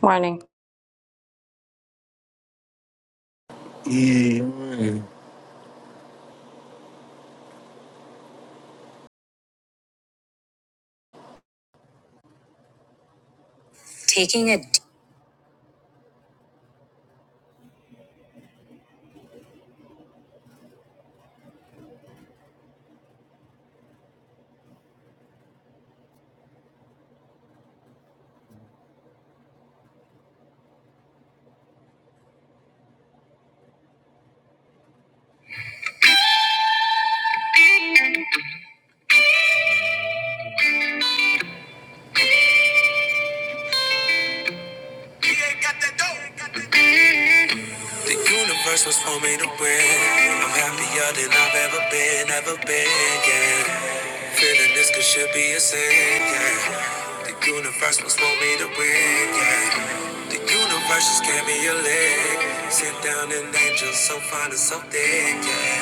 Morning. Yeah. Taking a d- The universe was for me to win. I'm happier than I've ever been, ever been, yeah. Feeling this could should be a sin, yeah. The universe was for me to win, yeah. The universe just gave me a leg. Sit down an angel so fine and so thick, yeah.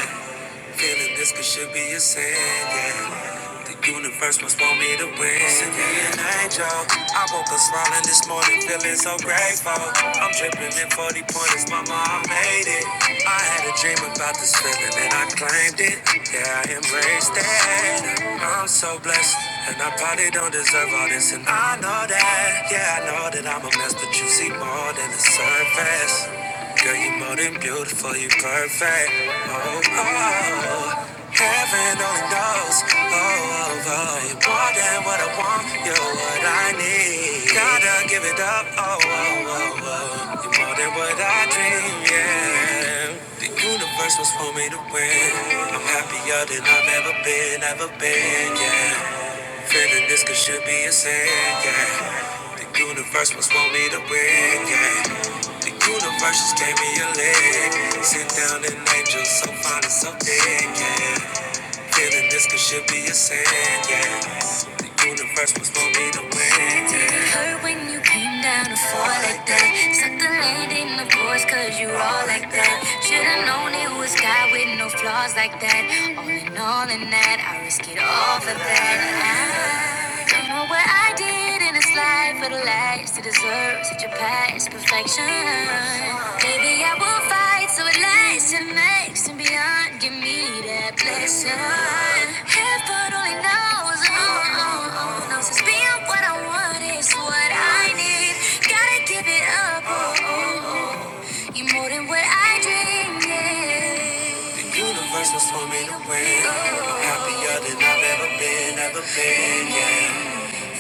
Feeling this could should be a sin, yeah. The universe must want me to win. Send me an angel. I woke up smiling this morning, feeling so grateful. I'm dripping in 40 pointers, mama, I made it. I had a dream about this feeling and I claimed it. Yeah, I embraced it. I'm so blessed, and I probably don't deserve all this. And I know that, yeah, I know that I'm a mess, but you see more than the surface. Girl, you more than beautiful, you perfect. Oh, oh, oh. heaven only knows. Oh, oh, oh, you more than what I want, you're what I need. Gotta give it up. Oh, oh, oh, oh, you more than what I dream, yeah. The universe was for me to win. I'm happier than I've ever been, ever been, yeah. Feeling this could should be a sin, yeah. The universe must want me to win, yeah. The universe just gave me a leg. Sit down and angel, so fine and so thin, yeah. Feeling this could should be a sin, yeah. The universe must want me to win, yeah. Hurt when you came down to fall like that. Suck the landing, of course, cause you all like that. Should've known it was God with no flaws like that. All in all, in that, I risk it all for that. I don't know what I did in this life for the last to deserve such a past perfection. Maybe I will fight so it lasts and makes and beyond. Give me that blessing. Heaven only knows, oh, oh, oh, knows it's being what I want is what I need. Gotta give it up, oh, oh, oh. You're more than what I dreamed. yeah. The universe was for me to win. I'm happier than I've ever been, ever been, yeah.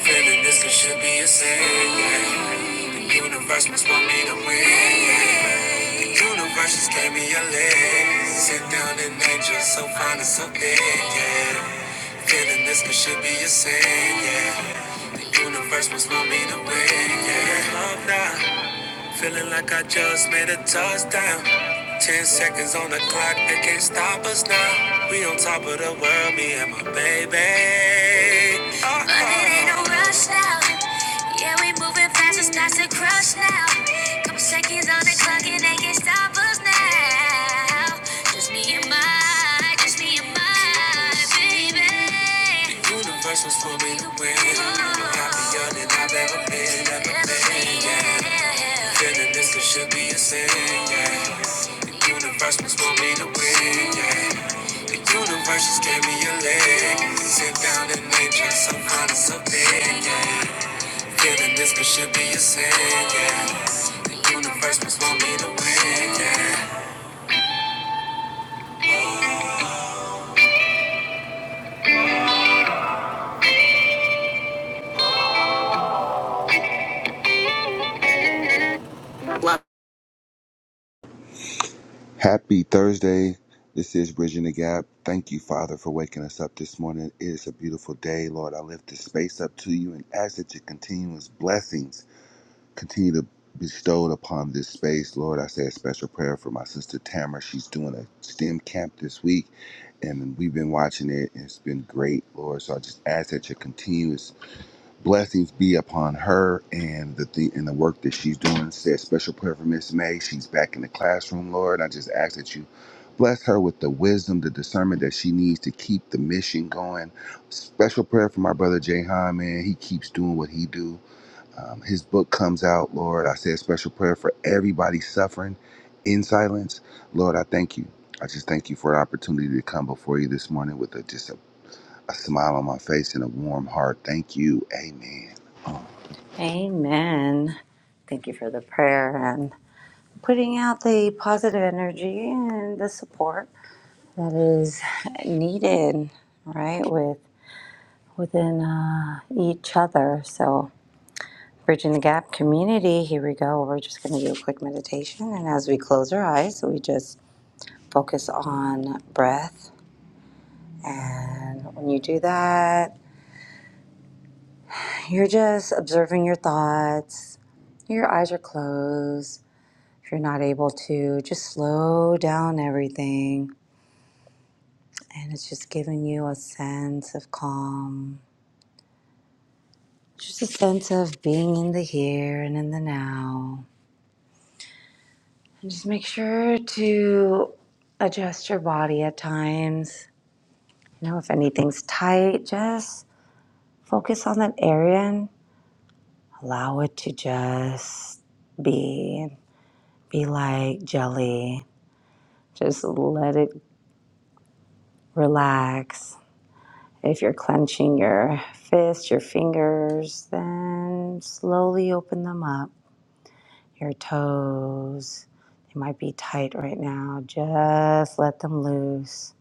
Feeling this it should be a sin, yeah. The universe must want me to win, yeah. The universe just gave me a leg. Sit down and angel, so fine and so big, yeah. Feeling this it should be a sin, yeah. The universe must want me to win, yeah. Love now. Feeling like I just made a touchdown. Ten seconds on the clock, they can't stop us now. We on top of the world, me and my baby. Uh-oh. But it ain't no rush now. Yeah, we moving fast, it's not to crush now. Couple seconds on the clock, and they can't stop us now. Just me and my, just me and my baby. The universe was for me to win. Happier than I've ever been, ever been, yeah. Feeling this could should be a sin, yeah. The universe was for me to win, yeah. The universe just gave me a leg. Sit down and nature, some kind of something, yeah. Feeling this could should be a sin, yeah. The universe was for me to win, yeah. Happy Thursday. This is Bridging the Gap. Thank you, Father, for waking us up this morning. It is a beautiful day, Lord. I lift this space up to you and ask that your continuous blessings continue to bestowed upon this space. Lord, I say a special prayer for my sister Tamara. She's doing a STEM camp this week, and we've been watching it, and it's been great, Lord. So I just ask that your continuous Blessings be upon her and the thing and the work that she's doing. Said special prayer for Miss May. She's back in the classroom, Lord. I just ask that you bless her with the wisdom, the discernment that she needs to keep the mission going. Special prayer for my brother Jahan, man. He keeps doing what he do. Um, his book comes out, Lord. I said special prayer for everybody suffering in silence, Lord. I thank you. I just thank you for the opportunity to come before you this morning with a, just a a smile on my face and a warm heart. Thank you. Amen. Oh. Amen. Thank you for the prayer and putting out the positive energy and the support that is needed, right? With within uh, each other. So, bridging the gap community. Here we go. We're just going to do a quick meditation, and as we close our eyes, we just focus on breath. And when you do that, you're just observing your thoughts. Your eyes are closed. If you're not able to, just slow down everything. And it's just giving you a sense of calm, just a sense of being in the here and in the now. And just make sure to adjust your body at times. You know, if anything's tight, just focus on that area and allow it to just be. Be like jelly. Just let it relax If you're clenching your fists, your fingers, then slowly open them up. Your toes, they might be tight right now. Just let them loose.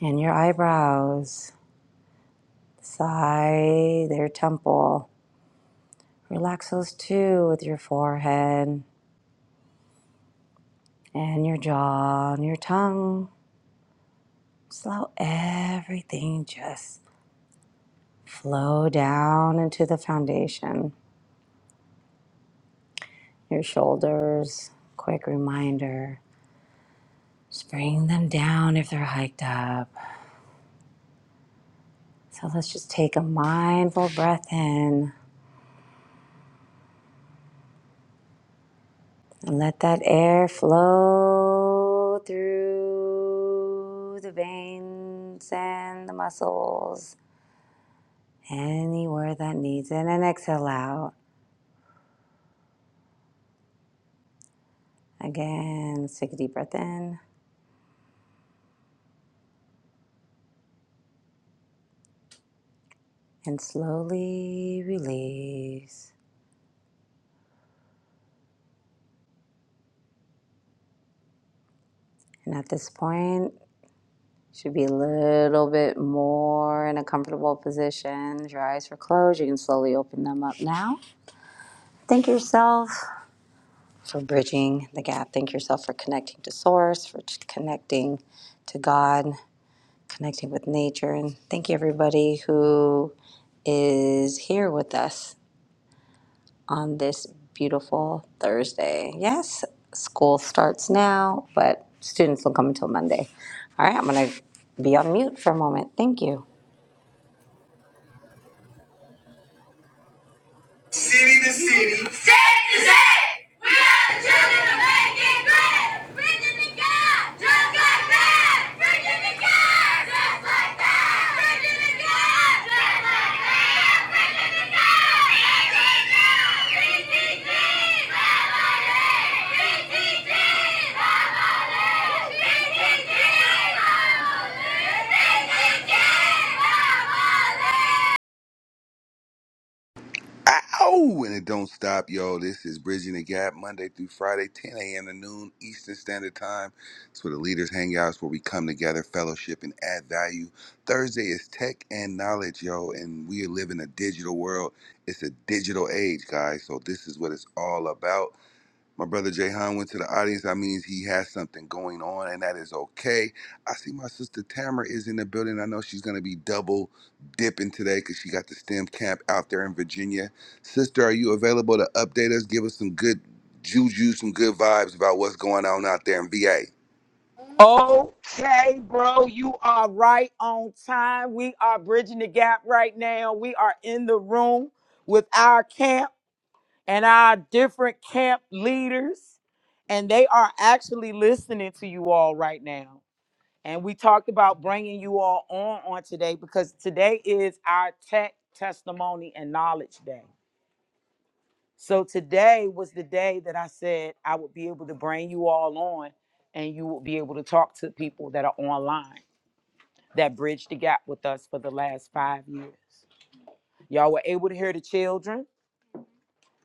And your eyebrows, side, their temple. Relax those too with your forehead and your jaw and your tongue. Just allow everything just flow down into the foundation. Your shoulders, quick reminder Just bring them down if they're hiked up. So let's just take a mindful breath in and let that air flow through the veins and the muscles anywhere that needs it. And then exhale out. Again, let's take a deep breath in and slowly release. And at this point, Should be a little bit more in a comfortable position. Your eyes are closed. You can slowly open them up now. Thank yourself for bridging the gap. Thank yourself for connecting to Source, for connecting to God, connecting with nature. And thank you, everybody who is here with us on this beautiful Thursday. Yes, school starts now, but students don't come until Monday. All right, I'm going to be on mute for a moment. Thank you. Ow! And it don't stop, y'all. This is Bridging the Gap, Monday through Friday, 10 a.m. to noon Eastern Standard Time. It's where the leaders hang out. It's where we come together, fellowship, and add value. Thursday is tech and knowledge, yo. And we live in a digital world. It's a digital age, guys. So this is what it's all about. My brother Jahan went to the audience. That means he has something going on, and that is okay. I see my sister Tamara is in the building. I know she's going to be double dipping today because she got the STEM camp out there in Virginia. Sister, are you available to update us? Give us some good juju, some good vibes about what's going on out there in VA. Okay, bro, you are right on time. We are bridging the gap right now. We are in the room with our camp and our different camp leaders, and they are actually listening to you all right now. And we talked about bringing you all on on today because today is our tech testimony and knowledge day. So today was the day that I said I would be able to bring you all on and you will be able to talk to people that are online that bridged the gap with us for the last five years. Y'all were able to hear the children,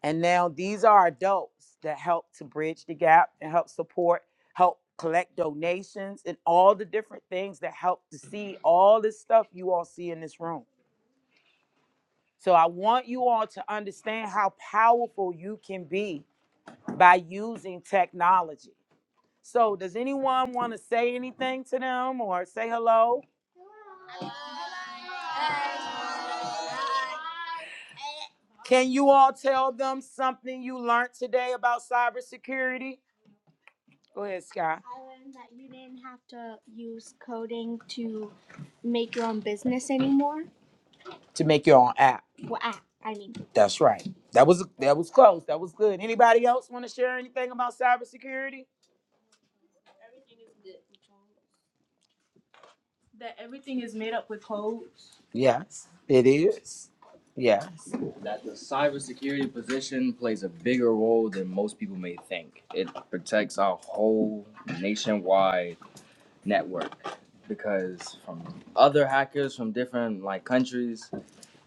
and now these are adults that help to bridge the gap and help support, help collect donations, and all the different things that help to see all this stuff you all see in this room. So I want you all to understand how powerful you can be by using technology. So, does anyone want to say anything to them or say hello? Can you all tell them something you learned today about cybersecurity? Go ahead, Sky. I learned that you didn't have to use coding to make your own business anymore. To make your own app. Well, app, I mean. That's right. That was that was close. That was good. Anybody else want to share anything about cybersecurity? Yes, it is. Yes. that the cybersecurity position plays a bigger role than most people may think. It protects our whole nationwide network because from other hackers from different like countries,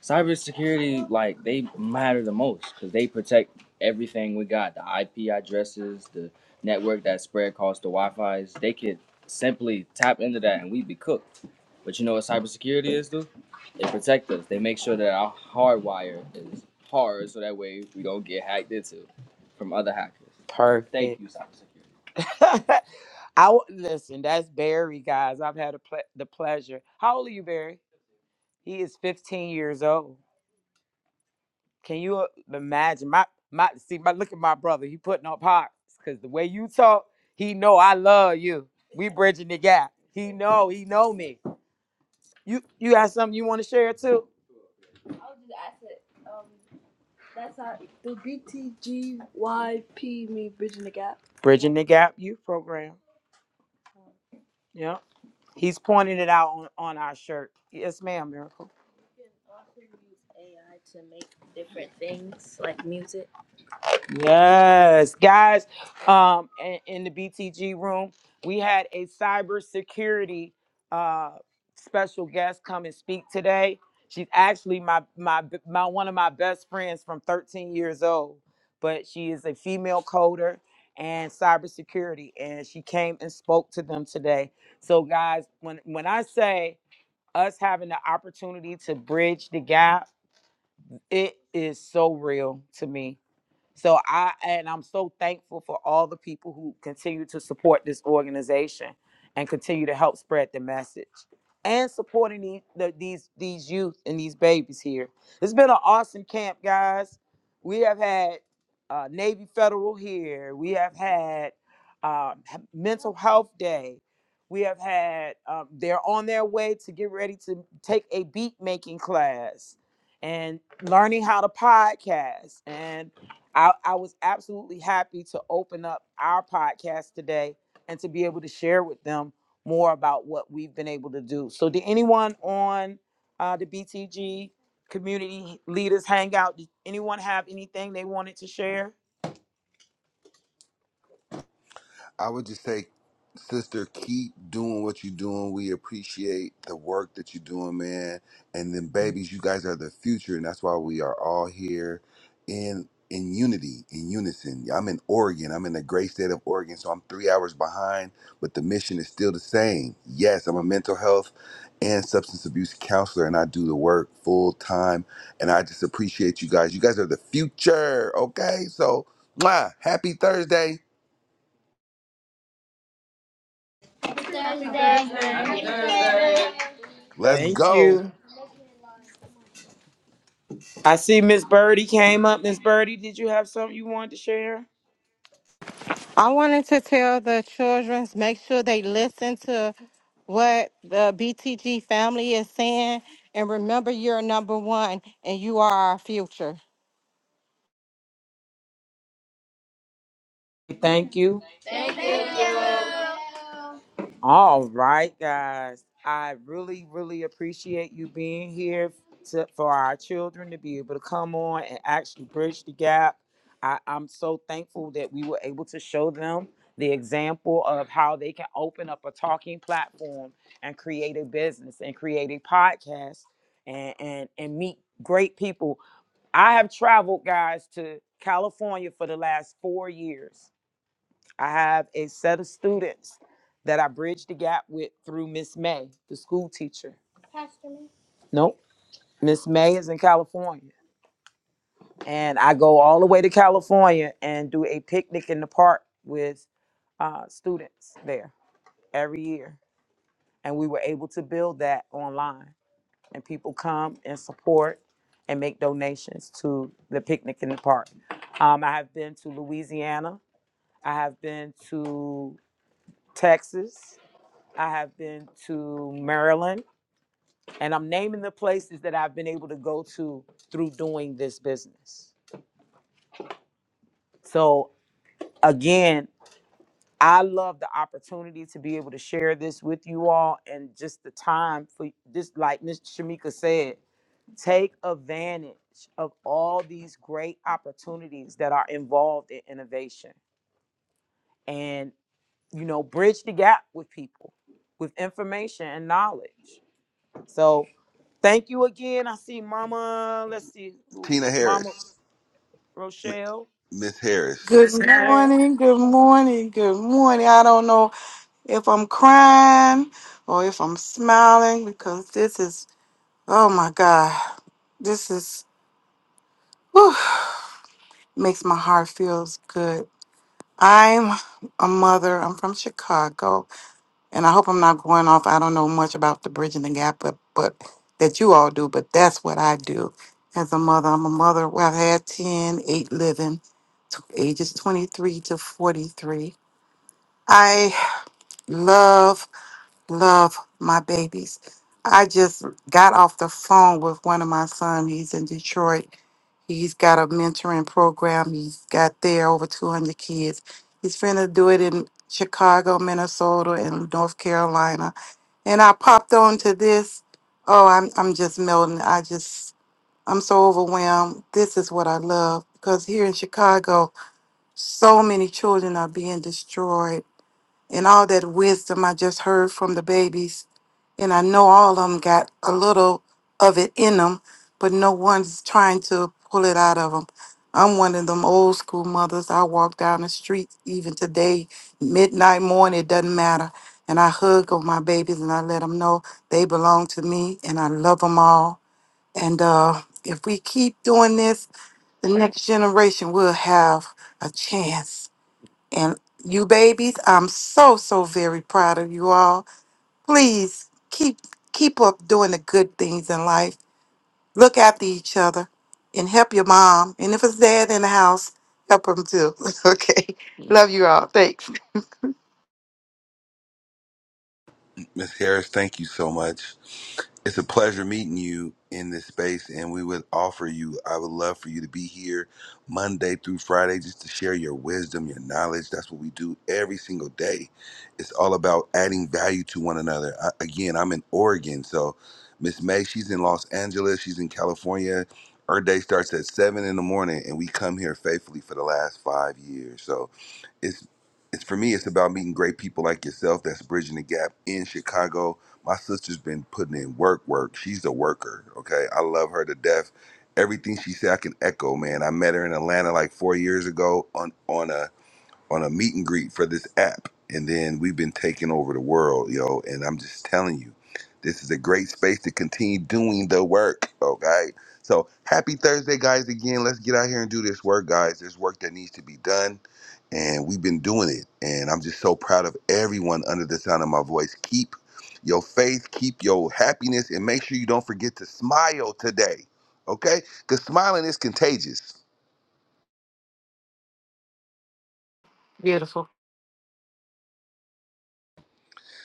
cybersecurity like they matter the most because they protect everything we got: the IP addresses, the network that spread across the Wi-Fi's. They could simply tap into that and we'd be cooked. But you know what cybersecurity is, dude? They protect us. They make sure that our hardwire is hard so that way we don't get hacked into from other hackers. Perfect. Thank you, cybersecurity. I w- listen. That's Barry, guys. I've had a ple- the pleasure. How old are you, Barry? He is 15 years old. Can you uh, imagine? My my see my look at my brother. He putting up hearts because the way you talk, he know I love you. We bridging the gap. He know he know me. You you got something you want to share too? Bridging the gap youth program. Yeah, he's pointing it out on on our shirt. Yes, ma'am, Miracle. Yes, guys. Um, in, in the BTG room, we had a cybersecurity uh special guest come and speak today. She's actually my my my one of my best friends from 13 years old, but she is a female coder and cybersecurity, and she came and spoke to them today. So, guys, when when I say us having the opportunity to bridge the gap, it is so real to me so I and I'm so thankful for all the people who continue to support this organization and continue to help spread the message and supporting these the, these these youth and these babies here. It's been an awesome camp, guys. We have had uh, Navy Federal here. We have had um, h- Mental Health Day. We have had. Um, they're on their way to get ready to take a beat making class and learning how to podcast and I, I was absolutely happy to open up our podcast today and to be able to share with them more about what we've been able to do. So, did anyone on uh, the BTG Community Leaders Hangout, did anyone have anything they wanted to share? I would just say, sister, keep doing what you're doing. We appreciate the work that you're doing, man. And then, babies, you guys are the future, and that's why we are all here in in unity, in unison. I'm in Oregon. I'm in the great state of Oregon, so I'm three hours behind, but the mission is still the same. Yes, I'm a mental health and substance abuse counselor, and I do the work full time. And I just appreciate you guys. You guys are the future. Okay, so, mwah, happy Thursday. Let's Thank you. go. I see Miss Birdie came up. Miss Birdie, did you have something you wanted to share? I wanted to tell the children make sure they listen to what the BTG family is saying, and remember you're number one and you are our future. Thank you. All right, guys. I really, really appreciate you being here to, for our children to be able to come on and actually bridge the gap. I, I'm so thankful that we were able to show them the example of how they can open up a talking platform and create a business and create a podcast and, and, and meet great people. I have traveled, guys, to California for the last four years I have a set of students that I bridge the gap with through Miss May, the school teacher. Pastor May. Nope. Miss May is in California. And I go all the way to California and do a picnic in the park with uh, students there every year. And we were able to build that online. And people come and support and make donations to the picnic in the park. Um, I have been to Louisiana. I have been to Texas. I have been to Maryland, and I'm naming the places that I've been able to go to through doing this business. So, again, I love the opportunity to be able to share this with you all and just the time for this, like Miss Shamika said, take advantage of all these great opportunities that are involved in innovation and, you know, bridge the gap with people with information and knowledge. So thank you again. I see Mama, let's see who Tina Mama Harris, Rochelle, Miss Harris, Good Miss Hare. morning, good morning, good morning. I don't know if I'm crying or if I'm smiling because this is, oh my God, this is, whew, makes my heart feels good. I'm a mother. I'm from Chicago, and I hope I'm not going off. I don't know much about the bridging the gap, but, but that you all do, but that's what I do as a mother. I'm a mother. Well, I've had 10, 8 living, t- ages 23 to 43. I Love, love my babies. I just got off the phone with one of my sons. He's in Detroit. He's got a mentoring program. He's got there over 200 kids. He's finna do it in Chicago, Minnesota, and North Carolina. And I popped on to this. Oh, I'm I'm just melting. I just I'm so overwhelmed. This is what I love because here in Chicago, so many children are being destroyed and all that wisdom I just heard from the babies. And I know all of them got a little of it in them, but no one's trying to pull it out of them. I'm one of them old school mothers. I walk down the street even today, midnight, morning, it doesn't matter. And I hug on my babies and I let them know they belong to me and I love them all. And uh, if we keep doing this, the next generation will have a chance and you babies, I'm so so very proud of you all. Please keep keep up doing the good things in life. Look after each other and help your mom. And if it's dad in the house, help him too. okay. Love you all. Thanks. Miss Harris, thank you so much. It's a pleasure meeting you in this space, and we would offer you, I would love for you to be here Monday through Friday just to share your wisdom, your knowledge. That's what we do every single day. It's all about adding value to one another. I, again, I'm in Oregon, so Miss May, she's in Los Angeles, she's in California. Her day starts at seven in the morning, and we come here faithfully for the last five years. So it's it's for me, it's about meeting great people like yourself that's bridging the gap in Chicago my sister's been putting in work, work. She's a worker. Okay, I love her to death. Everything she said, I can echo. Man, I met her in Atlanta like four years ago on on a on a meet and greet for this app, and then we've been taking over the world, yo. And I'm just telling you, this is a great space to continue doing the work, okay? So happy Thursday, guys! Again, let's get out here and do this work, guys. There's work that needs to be done, and we've been doing it. And I'm just so proud of everyone under the sound of my voice. Keep your faith, keep your happiness, and make sure you don't forget to smile today, okay? Because smiling is contagious. Beautiful.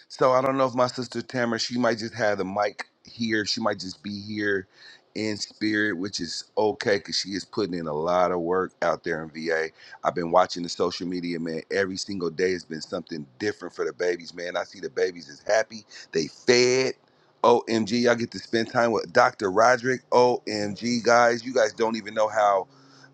So I don't know if my sister Tamara, she might just have the mic here. She might just be here in spirit, which is okay because she is putting in a lot of work out there in VA. I've been watching the social media, man. Every single day has been something different for the babies, man. I see the babies is happy. They fed. OMG, I get to spend time with Dr. Roderick. OMG, guys, you guys don't even know how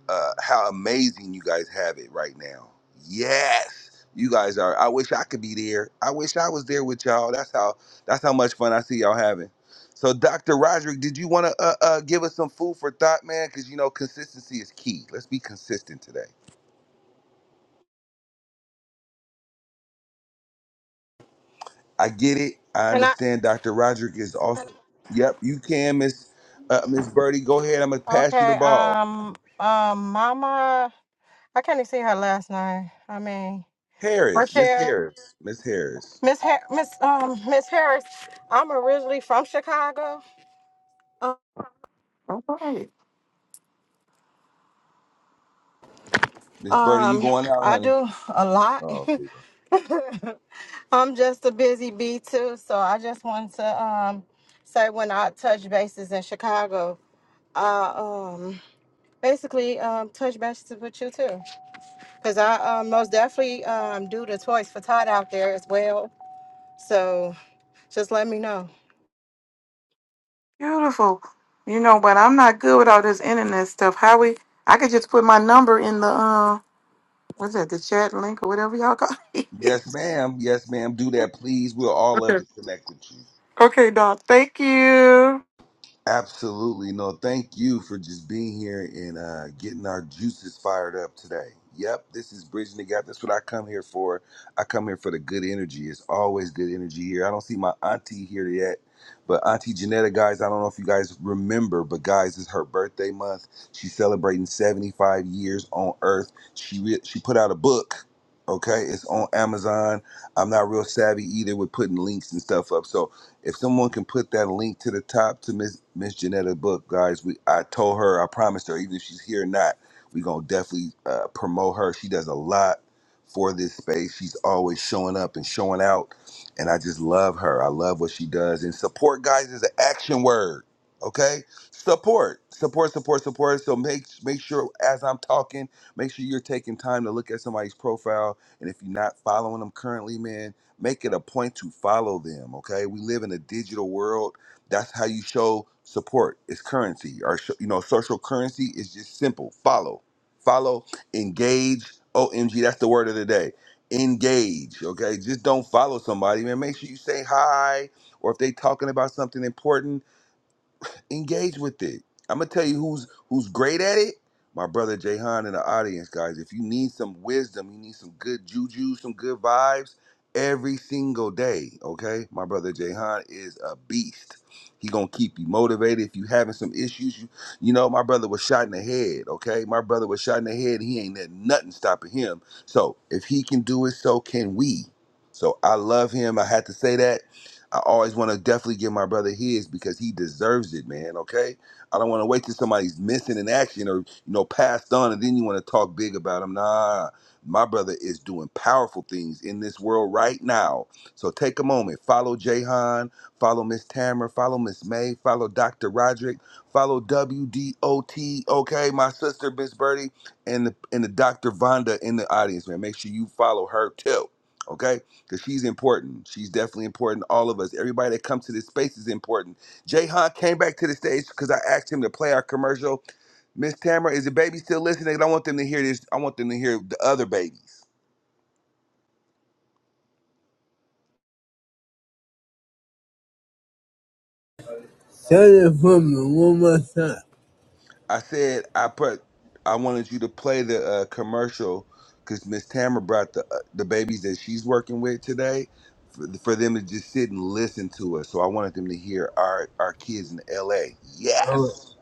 uh, how amazing you guys have it right now. Yes, you guys are. I wish I could be there. I wish I was there with y'all. That's how. That's how much fun I see y'all having. So, Dr. Roderick, did you want to uh, uh, give us some food for thought, man? Because you know consistency is key. Let's be consistent today. I get it. I Can I? understand. Dr. Roderick is also. Yep, you can, Miss uh, Miss Birdie. Go ahead. I'm gonna pass you Okay. the ball. Um. Um. Mama, I can't even see her last name. I mean, Harris, Miss Rochelle, Harris, Miss Harris, Miss Har- Miss um Miss Harris. I'm originally from Chicago. All right. Miss Birdie. You Um, going out, I honey? do a lot. Oh, I'm just a busy bee too, so I just wanted to um say when I touch bases in Chicago, I um basically um touch bases with you too, because I um, most definitely um do the toys for Todd out there as well. So just let me know. Beautiful. You know, but I'm not good with all this internet stuff. How we I could just put my number in the uh what's that, the chat link or whatever y'all got. Yes, ma'am. Yes, ma'am. Do that, please. We'll all love to okay. connect with you. Okay, Doc. Thank you. Absolutely. No, thank you for just being here and uh, getting our juices fired up today. Yep, this is Bridging the Gap. That's what I come here for. I come here for the good energy. It's always good energy here. I don't see my auntie here yet, but Auntie Janetta, guys, I don't know if you guys remember, but guys, it's her birthday month. She's celebrating 75 years on Earth. She re- she put out a book. Okay, it's on Amazon. I'm not real savvy either with putting links and stuff up. So if someone can put that link to the top to Miss Miss Janetta's book, guys, we I told her, I promised her, even if she's here or not, we gonna definitely uh, promote her. She does a lot for this space. She's always showing up and showing out, and I just love her. I love what she does. And support, guys, is an action word. Okay, support, support, support, support. So make make sure as I'm talking, make sure you're taking time to look at somebody's profile. And if you're not following them currently, man Make it a point to follow them, okay? We live in a digital world. That's how you show support. It's currency or sh- you know, social currency is just simple. Follow. Follow, engage. OMG, that's the word of the day. Engage, okay? Just don't follow somebody, man. Make sure you say hi or if they talking about something important engage with it. I'm gonna tell you who's who's great at it. My brother Jahan in the audience, guys. If you need some wisdom, you need some good juju, some good vibes every single day. Okay, my brother Jahan is a beast. He gonna keep you motivated. If you having some issues, you you know my brother was shot in the head. Okay, my brother was shot in the head. He ain't let nothing stopping him. So if he can do it, so can we. So I love him. I had to say that I always want to definitely give my brother his because he deserves it, man. Okay, I don't want to wait till somebody's missing in action or you know passed on, and then you want to talk big about him. Nah, my brother is doing powerful things in this world right now. So take a moment, follow Jahan, follow Miss Tamara, follow Miss May, follow Dr. Roderick, follow WDOT. Okay, my sister Miss Birdie and the and the Dr. Vonda in the audience, man. Make sure you follow her too. Okay because she's important. She's definitely important. All of us, everybody that comes to this space is important. Jayhan came back to the stage because I asked him to play our commercial. Miss Tamara, is the baby still listening? I don't want them to hear this. I want them to hear the other babies. I said I put. I wanted you to play the uh, commercial because Miss Tamara brought the uh, the babies that she's working with today for, for them to just sit and listen to us. So I wanted them to hear our our kids in L.A. Yes.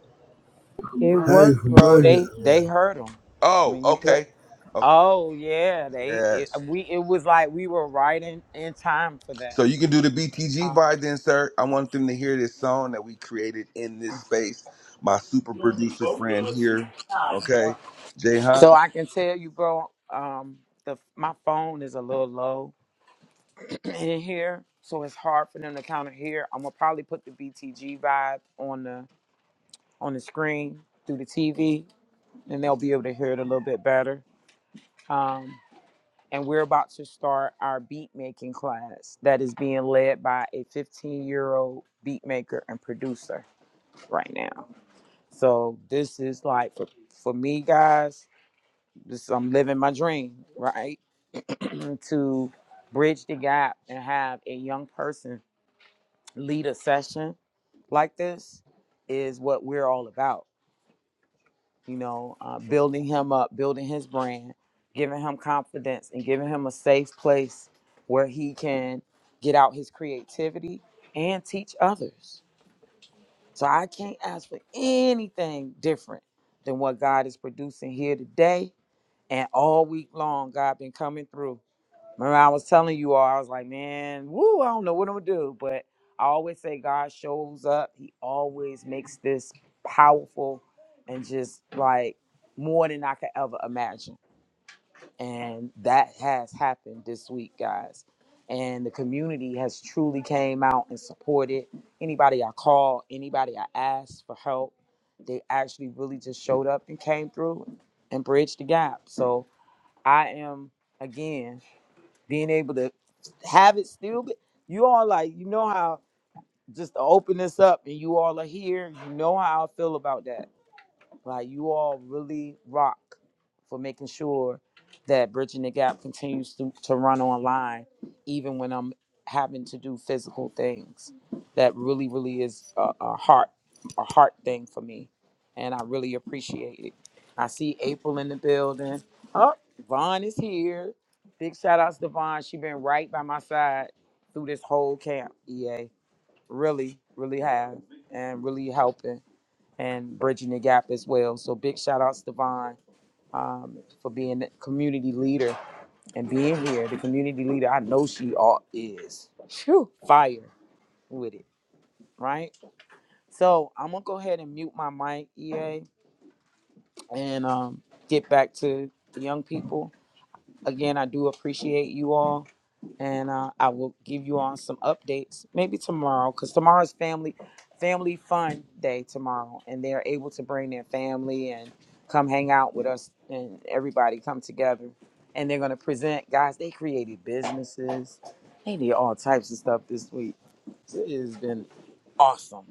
It Thanks, worked, bro. much. They they heard them Oh, when you play. okay. Okay. Oh yeah, they it, Yes. we it was like we were right in, in time for that. So you can do the BTG Um, vibes insert. I want them to hear this song that we created in this space. My super producer friend here, okay, Jay so I can tell you, bro. Um, the my phone is a little low in here, so it's hard for them to kind of hear. I'm gonna probably put the BTG vibe on the on the screen through the TV, and they'll be able to hear it a little bit better. um, and we're about to start our beat making class that is being led by a 15 year old beat maker and producer right now. So this is like for, for me guys, this I'm living my dream, right? to bridge the gap and have a young person lead a session like this is what we're all about you know, uh, building him up, building his brand, giving him confidence, and giving him a safe place where he can get out his creativity and teach others. So I can't ask for anything different than what God is producing here today and all week long. God been coming through Remember, I was telling you all, I was like, man, woo, I don't know what I'm gonna do. But I always say God shows up. He always makes this powerful and just like more than I could ever imagine. And that has happened this week, guys. And the community has truly came out and supported anybody I called, anybody I asked for help. They actually really just showed up and came through and bridged the gap. So I am again being able to have it still. But you all like, you know how just to open this up and you all are here. You know how I feel about that. Like you all really rock for making sure that Bridging the Gap continues to, to run online, even when I'm having to do physical things. That really, really is a, a heart, a heart thing for me, and I really appreciate it. I see April in the building. Oh, Vaughn is here. Big shout outs to Vaughn. She been right by my side through this whole camp. EA really, really have, and really helping and bridging the gap as well. So big shout outs to Vaughn um, for being a community leader and being here. The community leader I know she all is fire with it, right? So I'm gonna go ahead and mute my mic, EA, and um, get back to the young people. again, I do appreciate you all, and uh, I will give you on some updates maybe tomorrow because tomorrow's family family fun day tomorrow, and they're able to bring their family and come hang out with us, and everybody come together, and they're gonna present guys. They created businesses, they did all types of stuff this week. It has been awesome.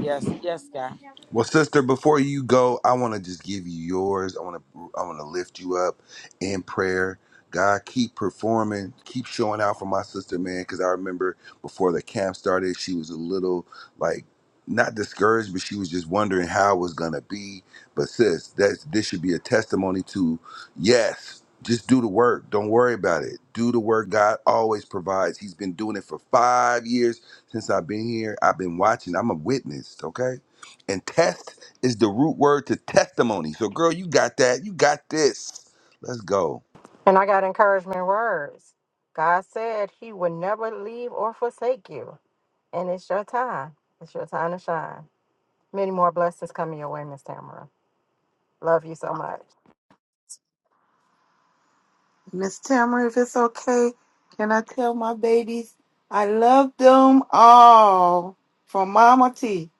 Yes, yes, guy. Well, sister, before you go, I want to just give you yours. I want to I want to lift you up in prayer. God, keep performing, keep showing out for my sister, man. Because I remember before the camp started, she was a little like not discouraged, but she was just wondering how it was gonna be. But sis, that this should be a testimony to yes. Just do the work. Don't worry about it. Do the work God always provides. He's been doing it for five years since I've been here. I've been watching. I'm a witness, okay? And test is the root word to testimony. So, girl, you got that. You got this. Let's go. And I got encouragement words. God said He would never leave or forsake you, and it's your time. It's your time to shine. Many more blessings coming your way, Miss Tamara. Love you so much. Miss Tamara, if it's okay, can I tell my babies I love them all from Mama T?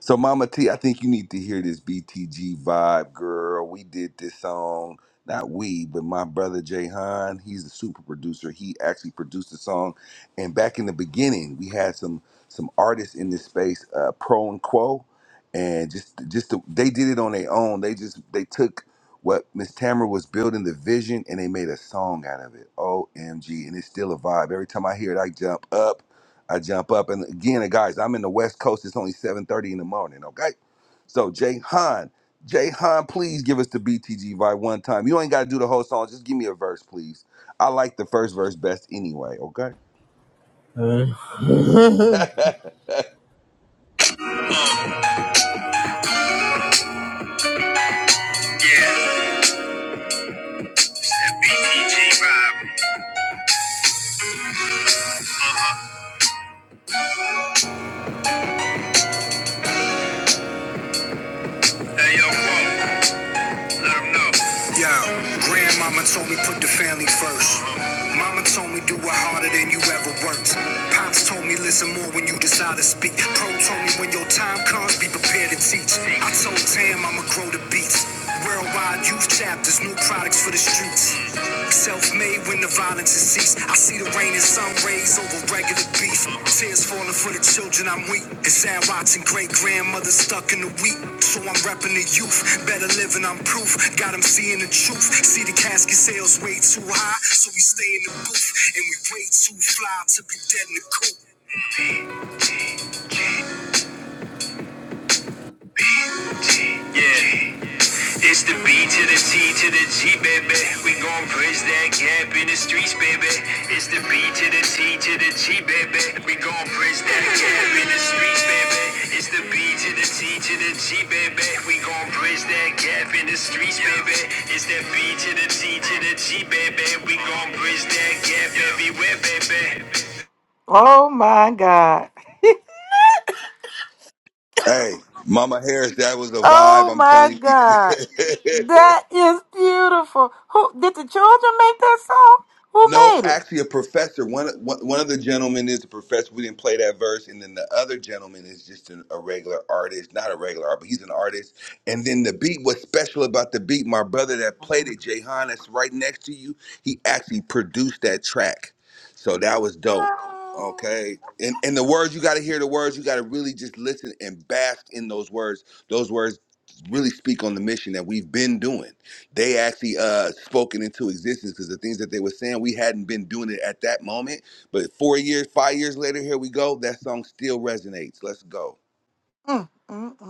So, Mama T, I think you need to hear this BTG vibe, girl. We did this song. Not we, but my brother Jay Han. He's a super producer. He actually produced the song. And back in the beginning, we had some some artists in this space, uh, Pro and Quo. and just just the, they did it on their own. They just they took what Miss Tamara was building the vision and they made a song out of it. OMG, and it's still a vibe. Every time I hear it, I jump up. I jump up, and again, guys, I'm in the West Coast. It's only 7:30 in the morning. Okay, so Jay Han, Jay Han, please give us the BTG vibe one time. You ain't got to do the whole song. Just give me a verse, please. I like the first verse best anyway. Okay. Yo, grandmama told me put the family first. Mama told me do it harder than you ever worked. Pops told me listen more when you decide to speak. Pro told me when your time comes, be prepared to teach. I told Tam I'ma grow the beats. Worldwide youth chapters, new products for the streets. Self-made when the violence violence has ceased. I see the rain and sun rays over regular beef. Tears falling for the children I'm weak. And sad rots and great grandmother stuck in the wheat. So I'm repping the youth. Better living, I'm proof. Got them seeing the truth. See the casket sales way too high. So we stay in the booth. And we way too fly to be dead in the coop. It's the B to the C to the G, baby. We gon' bridge that gap in the streets, baby. It's the B to the C to the G, baby. We gon' bridge that gap in the streets, baby. It's the B to the C to the G, baby. We gon' bridge that gap in the streets, baby. It's that B to the C to the G, baby. We gon' bridge that gap everywhere, baby. Oh my God. Hey, Mama Harris, that was a Oh vibe. I'm my telling God. you. That is beautiful. Who did the children make that song? Who Nope, made it? actually, a professor. One one one of the gentlemen is a professor. We didn't play that verse, and then the other gentleman is just an, a regular artist, not a regular artist, but he's an artist. And then the beat. What's special about the beat? My brother that played it, Jayhan, that's right next to you. He actually produced that track, so that was dope. Okay, and and the words you got to hear the words. You got to really just listen and bask in those words. Those words really speak on the mission that we've been doing they actually uh spoken into existence because the things that they were saying we hadn't been doing it at that moment but four years five years later here we go that song still resonates let's go Mm, mm, mm.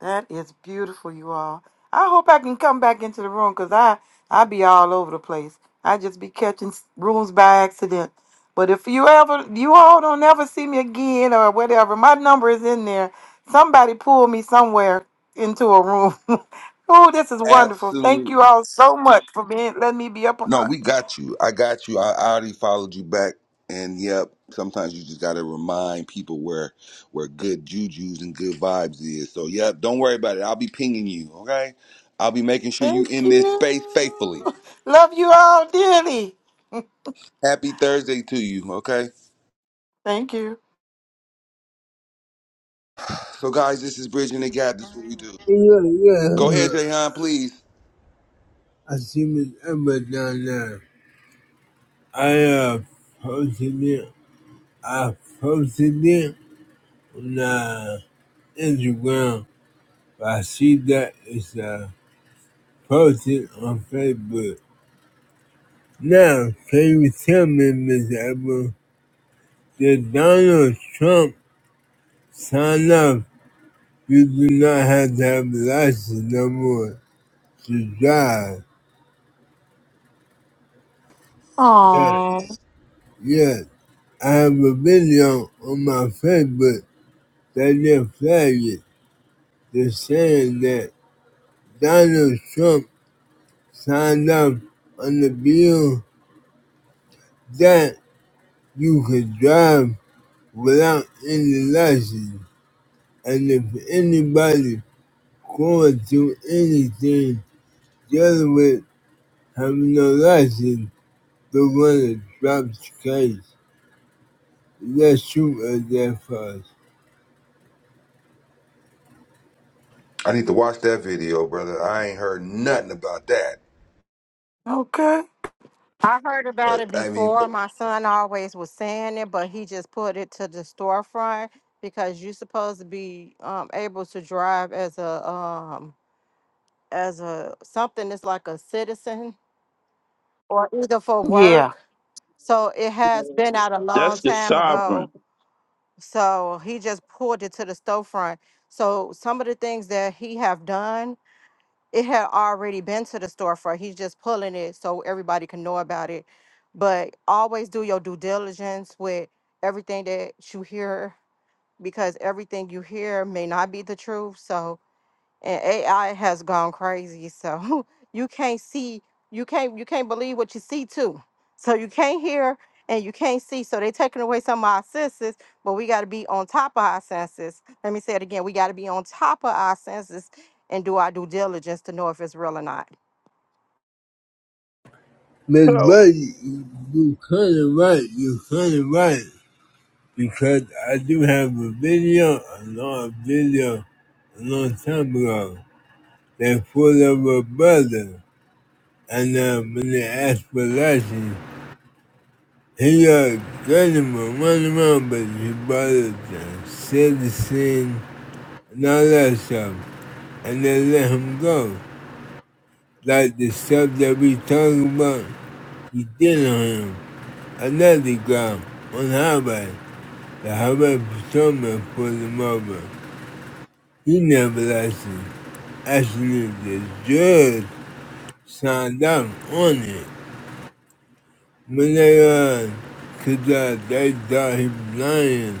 That is beautiful, you all. I hope I can come back into the room because I I be all over the place. I just be catching s- rooms by accident. But if you ever, you all don't ever see me again or whatever, my number is in there. Somebody pull me somewhere into a room. oh, this is wonderful. Thank you absolutely all so much for being letting me be a no part. we got you i got you i, I already followed you back and yep sometimes you just gotta remind people where where good juju's and good vibes is so yep don't worry about it i'll be pinging you okay i'll be making sure you Thank in this space faithfully you. Love you all dearly. happy thursday to you okay Thank you. so guys this is bridging the gap this is what we do Go ahead, Jahan, please. Oh, I need to watch that video, brother. I ain't heard nothing about that. okay. I heard Uh, about it I mean, before. My son always was saying it, but he just put it to the storefront because you're supposed to be um, able to drive as a um, as a something that's like a citizen or either for Yeah. work. So it has been out a long That's the time sovereign. ago. So he just pulled it to the storefront. So some of the things that he have done it had already been to the storefront. He's just pulling it so everybody can know about it. But always do your due diligence with everything that you hear because everything you hear may not be the truth. So and AI has gone crazy. So you can't see, you can't you can't believe what you see too. So you can't hear and you can't see. So they're taking away some of our senses, but we got to be on top of our senses. Let me say it again: we got to be on top of our senses and do our due diligence to know if it's real or not. Miss So Buddy, you kinda right, you kinda right. because I do have a video, a know a video a long time ago that full of a brother. And uh, when they asked for license, he uh, got him a run around, but his brother uh, said the scene and all that stuff. And they let him go. Like the stuff that we talking about, he did on him. Another guy on the highway, the highway patrolman pulled him over. He never licensed. Actually, the judge signed off on it. When they, because uh, uh, they thought he was lying.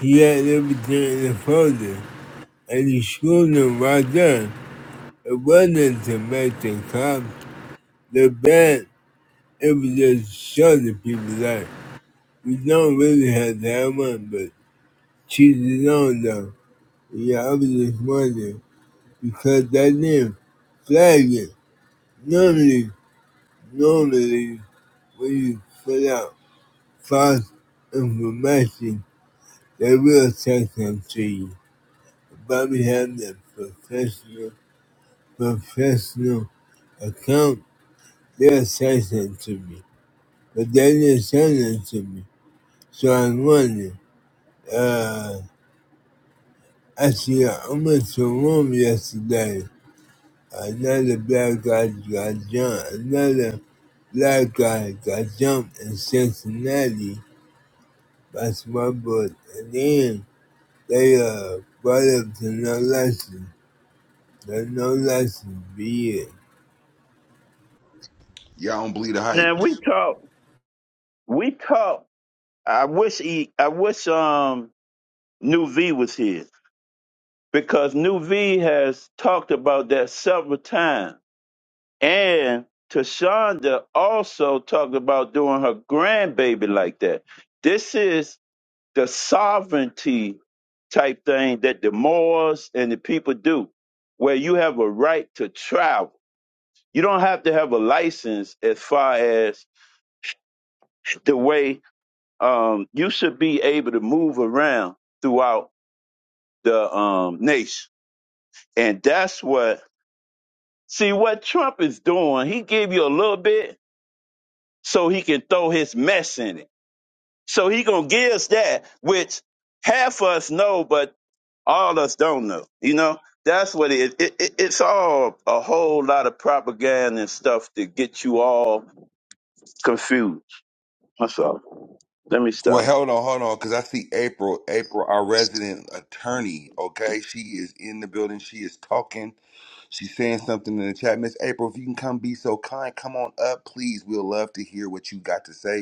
He had everything in the folder, and he screwed him right there. It wasn't to make the cops look bad. It was just to show the people that we don't really have to have one, but choose it on though. Yeah, I was just wondering, because they didn't flag it. Normally, normally, when you put out find information they will take them to you. But we have the professional professional account, they'll take them to me. But they didn't send them to me. So I wonder, uh actually I went to a room yesterday. Another black guy got jumped another black guy got jumped in Cincinnati by Smart boat, and then they uh brought up to no lesson. There's no lessons be it. Y'all don't believe the hype. now we talk. We talk. I wish he. I wish um New V was here because New V has talked about that several times, and Tashonda also talked about doing her grandbaby like that. This is the sovereignty type thing that the Moors and the people do, where you have a right to travel. You don't have to have a license as far as the way um, you should be able to move around throughout the um, nation. And that's what, see, what Trump is doing, he give you a little bit so he can throw his mess in it. So he going to give us that, which half us know, but all us don't know. You know, that's what it is. It, it, it's all a whole lot of propaganda and stuff to get you all confused. That's all. Let me Well, stop. hold on, hold on, because I see April, April, our resident attorney. Okay, she is in the building. She is talking. She's saying something in the chat. Miss April, if you can come be so kind, come on up, please. We'll love to hear what you got to say.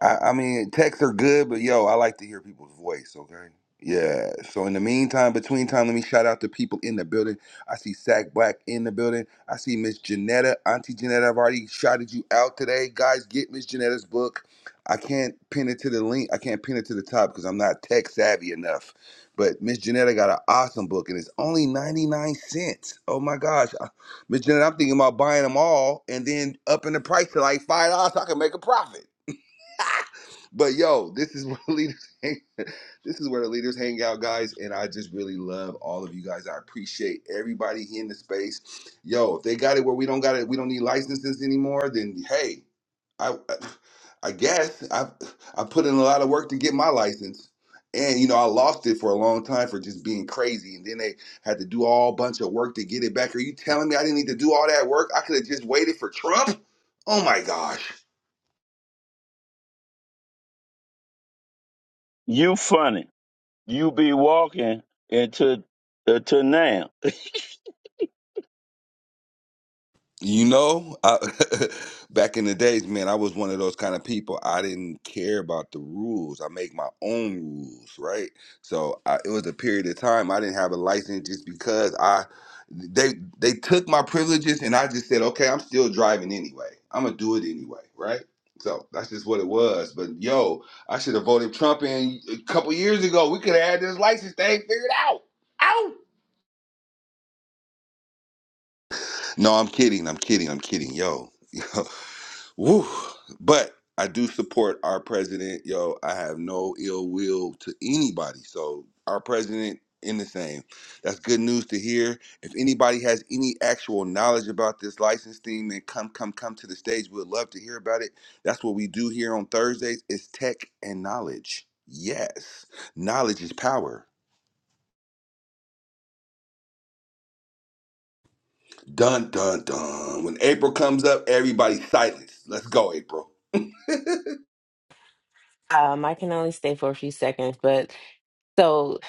I, I mean, texts are good, but yo, I like to hear people's voice, okay? Yeah. So in the meantime, between time, let me shout out to people in the building. I see Sack Black in the building. I see Miss Janetta. Auntie Janetta, I've already shouted you out today. Guys, get Miss Janetta's book. I can't pin it to the link. I can't pin it to the top because I'm not tech savvy enough. But Miss Janetta got an awesome book and it's only 99 cents. Oh my gosh. I- Miss Janetta, I'm thinking about buying them all and then upping the price to like $5 so I can make a profit. But yo, this is where the leaders hang. This is where the leaders hang out, guys. And I just really love all of you guys. I appreciate everybody here in the space. Yo, if they got it where we don't got it, we don't need licenses anymore. Then hey, I I guess I I put in a lot of work to get my license. And you know, I lost it for a long time for just being crazy. And then they had to do all bunch of work to get it back. Are you telling me I didn't need to do all that work? I could have just waited for Trump? Oh my gosh. You funny. you be walking into to now. You know, I, back in the days, man, I was one of those kind of people. I didn't care about the rules. I make my own rules, right? So I, it was a period of time I didn't have a license just because I they they took my privileges and I just said, okay, I'm still driving anyway. I'm gonna do it anyway, right? So that's just what it was. But yo, I should have voted Trump in a couple years ago. We could have had this license thing figured out. Out. No, I'm kidding. I'm kidding. I'm kidding. Yo. Woo. But I do support our president. Yo, I have no ill will to anybody. So our president in the same. That's good news to hear. If anybody has any actual knowledge about this license thing, then come, come, come to the stage. We'd love to hear about it. That's what we do here on Thursdays is tech and knowledge. Yes. Knowledge is power. Dun dun dun. When April comes up, everybody silence. Let's go, April. Um, I can only stay for a few seconds, but so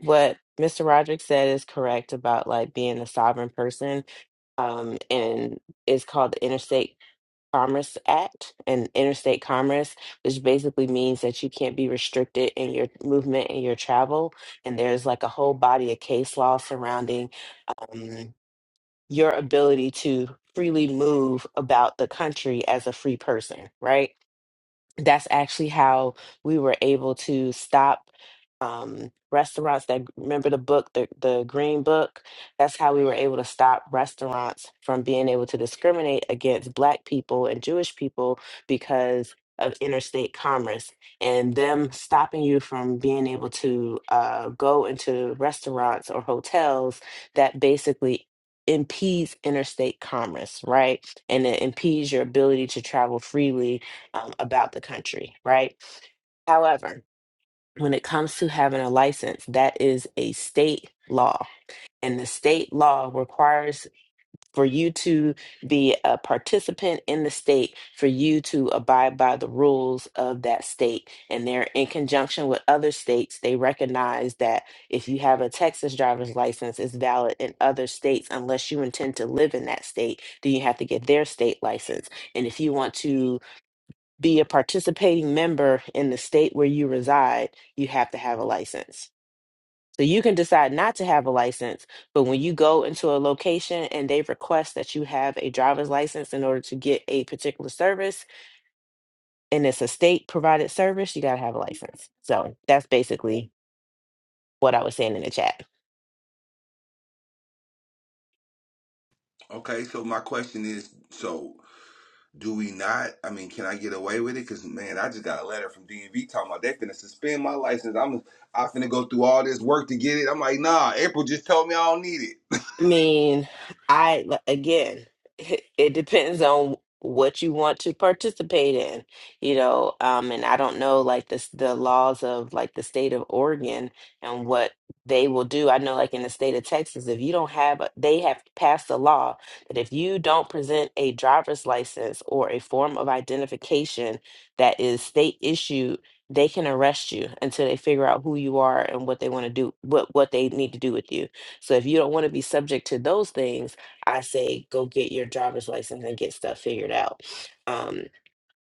what Mr. Roderick said is correct about like being a sovereign person. Um, and it's called the Interstate Commerce Act and interstate commerce, which basically means that you can't be restricted in your movement and your travel. And there's like a whole body of case law surrounding um, your ability to freely move about the country as a free person, right? that's actually how we were able to stop um, restaurants that remember the book the, the green book that's how we were able to stop restaurants from being able to discriminate against black people and jewish people because of interstate commerce and them stopping you from being able to uh, go into restaurants or hotels that basically impedes interstate commerce right and it impedes your ability to travel freely um, about the country, right? However, when it comes to having a license, that is a state law. And the state law requires for you to be a participant in the state, for you to abide by the rules of that state. And they're in conjunction with other states. They recognize that if you have a Texas driver's license, it's valid in other states unless you intend to live in that state. Then you have to get their state license. And if you want to be a participating member in the state where you reside, you have to have a license. So you can decide not to have a license, but when you go into a location and they request that you have a driver's license in order to get a particular service, and it's a state provided service, you got to have a license. So that's basically what I was saying in the chat. Okay, so my question is so Do we not? I mean, can I get away with it? Cause man, I just got a letter from DMV talking about they finna suspend my license. I'm I finna go through all this work to get it. I'm like, nah. April just told me I don't need it. I mean, I li- again, it it depends on what you want to participate in, you know. Um, and I don't know like this the laws of like the state of Oregon and what they will do. I know like in the state of Texas, if you don't have a, they have passed a law that if you don't present a driver's license or a form of identification that is state issued, they can arrest you until they figure out who you are and what they want to do, what what they need to do with you. So if you don't want to be subject to those things, I say go get your driver's license and get stuff figured out. Um,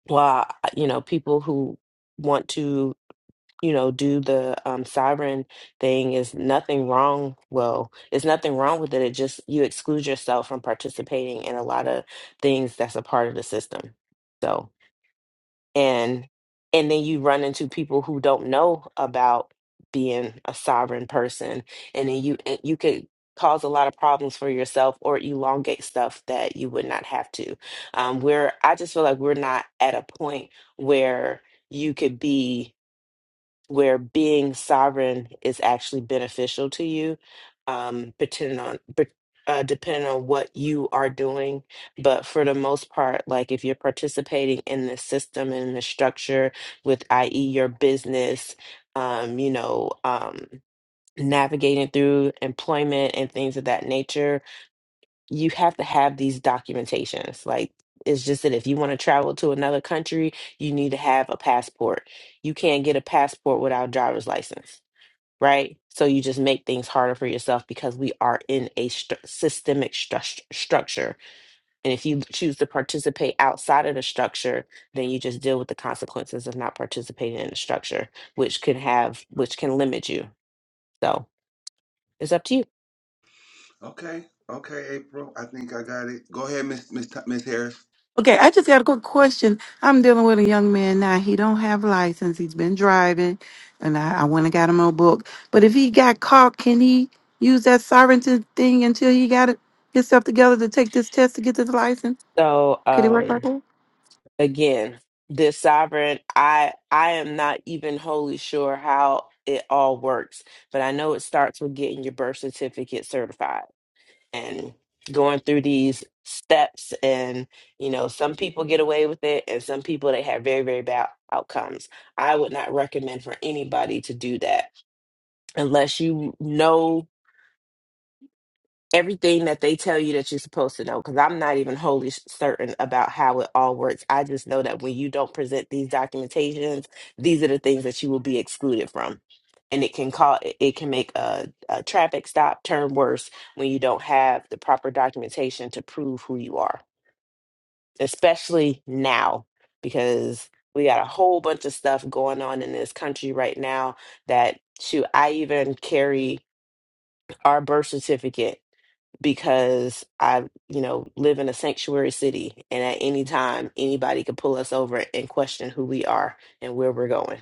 while uh, you know people who want to you know do the um, sovereign thing is nothing wrong. Well, it's nothing wrong with it. It just you exclude yourself from participating in a lot of things that's a part of the system. So and and then you run into people who don't know about being a sovereign person and then you and you could cause a lot of problems for yourself or elongate stuff that you would not have to um where i just feel like we're not at a point where you could be where being sovereign is actually beneficial to you, um, depending on but, uh, depending on what you are doing. But for the most part, like if you're participating in the system and the structure with, i.e., your business, um, you know, um, navigating through employment and things of that nature you have to have these documentations. Like it's just that if you want to travel to another country, you need to have a passport. You can't get a passport without a driver's license, right? So you just make things harder for yourself because we are in a stru- systemic stru- structure. And if you choose to participate outside of the structure, then you just deal with the consequences of not participating in the structure, which could have which can limit you. So, it's up to you. Okay, okay, April. I think I got it. Go ahead, Miss Miss Miss Harris. Okay, I just got a quick question. I'm dealing with a young man now. He don't have license. He's been driving, and I, I went and got him a book. But if he got caught, can he use that sovereignty thing until he got it, himself together to take this test to get this license? So, Could it work like um that? again this sovereign i i am not even wholly sure how it all works but i know it starts with getting your birth certificate certified and going through these steps and you know some people get away with it and some people they have very very bad outcomes i would not recommend for anybody to do that unless you know everything that they tell you that you're supposed to know because i'm not even wholly s- certain about how it all works i just know that when you don't present these documentations these are the things that you will be excluded from and it can call it it can make a, a traffic stop turn worse when you don't have the proper documentation to prove who you are especially now because we got a whole bunch of stuff going on in this country right now that shoot i even carry our birth certificate because I, you know, live in a sanctuary city and at any time anybody could pull us over and question who we are and where we're going.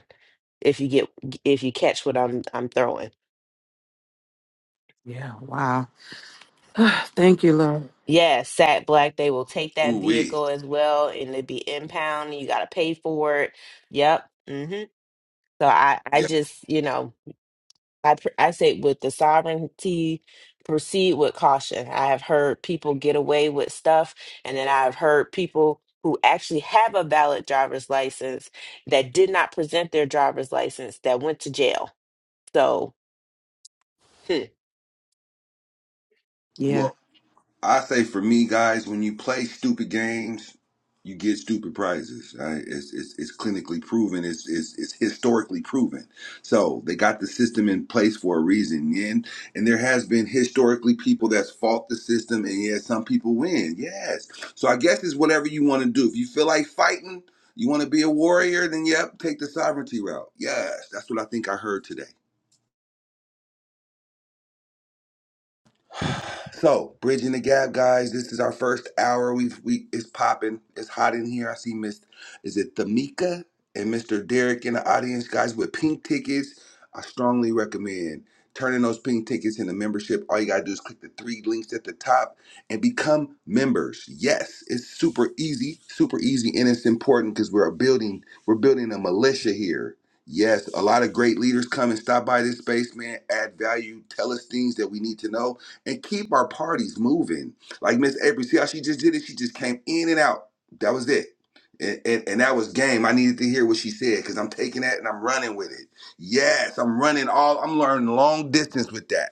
If you get if you catch what I'm I'm throwing. Yeah. Wow. Thank you, Lord. Yeah, sat black, they will take that Ooh wee. vehicle as well and it'd be impound. You gotta pay for it. Yep. hmm So I, I Yeah. just, you know, I pr- I say with the sovereignty, proceed with caution. I have heard people get away with stuff, and then I've heard people who actually have a valid driver's license that did not present their driver's license that went to jail. So, hmm. Yeah. Well, I say for me, guys, when you play stupid games, you get stupid prizes. Right? It's, it's it's clinically proven. It's, it's it's historically proven. So they got the system in place for a reason. And and there has been historically people that's fought the system, and yes, some people win. Yes. So I guess it's whatever you want to do. If you feel like fighting, you want to be a warrior, then yep, take the sovereignty route. Yes, that's what I think I heard today. So, bridging the gap, guys. This is our first hour. We've we it's popping. It's hot in here. I see Miss is it Thamika and Mr. Derek in the audience, guys, with pink tickets. I strongly recommend turning those pink tickets into membership. All you gotta do is click the three links at the top and become members. Yes, it's super easy, super easy, and it's important because we're building we're building a militia here. Yes, a lot of great leaders come and stop by this space, man. Add value, tell us things that we need to know and keep our parties moving. Like Miss April, see how she just did it? She just came in and out. That was it. And, and, and that was game. I needed to hear what she said because I'm taking that and I'm running with it. Yes, I'm running all, I'm learning long distance with that.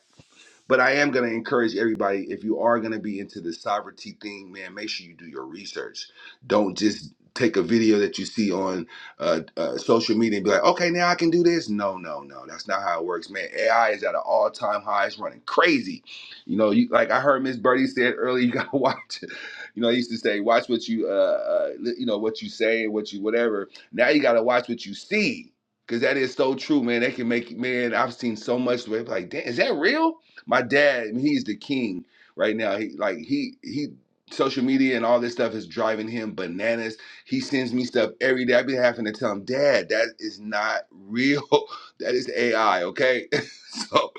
But I am going to encourage everybody if you are going to be into the sovereignty thing, man, make sure you do your research. Don't just take a video that you see on uh, uh, social media and be like, okay, now I can do this. No, no, no. That's not how it works, man. AI is at an all time high. It's running crazy. You know, you, like I heard Miss Birdie said earlier, you got to watch. it. You know, I used to say, watch what you, uh, uh, li- you know, what you say, what you, whatever. Now you got to watch what you see. Cause that is so true, man. They can make man. I've seen so much where it's like, damn, is that real? my dad he's the king right now he like he he social media and all this stuff is driving him bananas he sends me stuff every day i be having to tell him dad that is not real that is ai okay so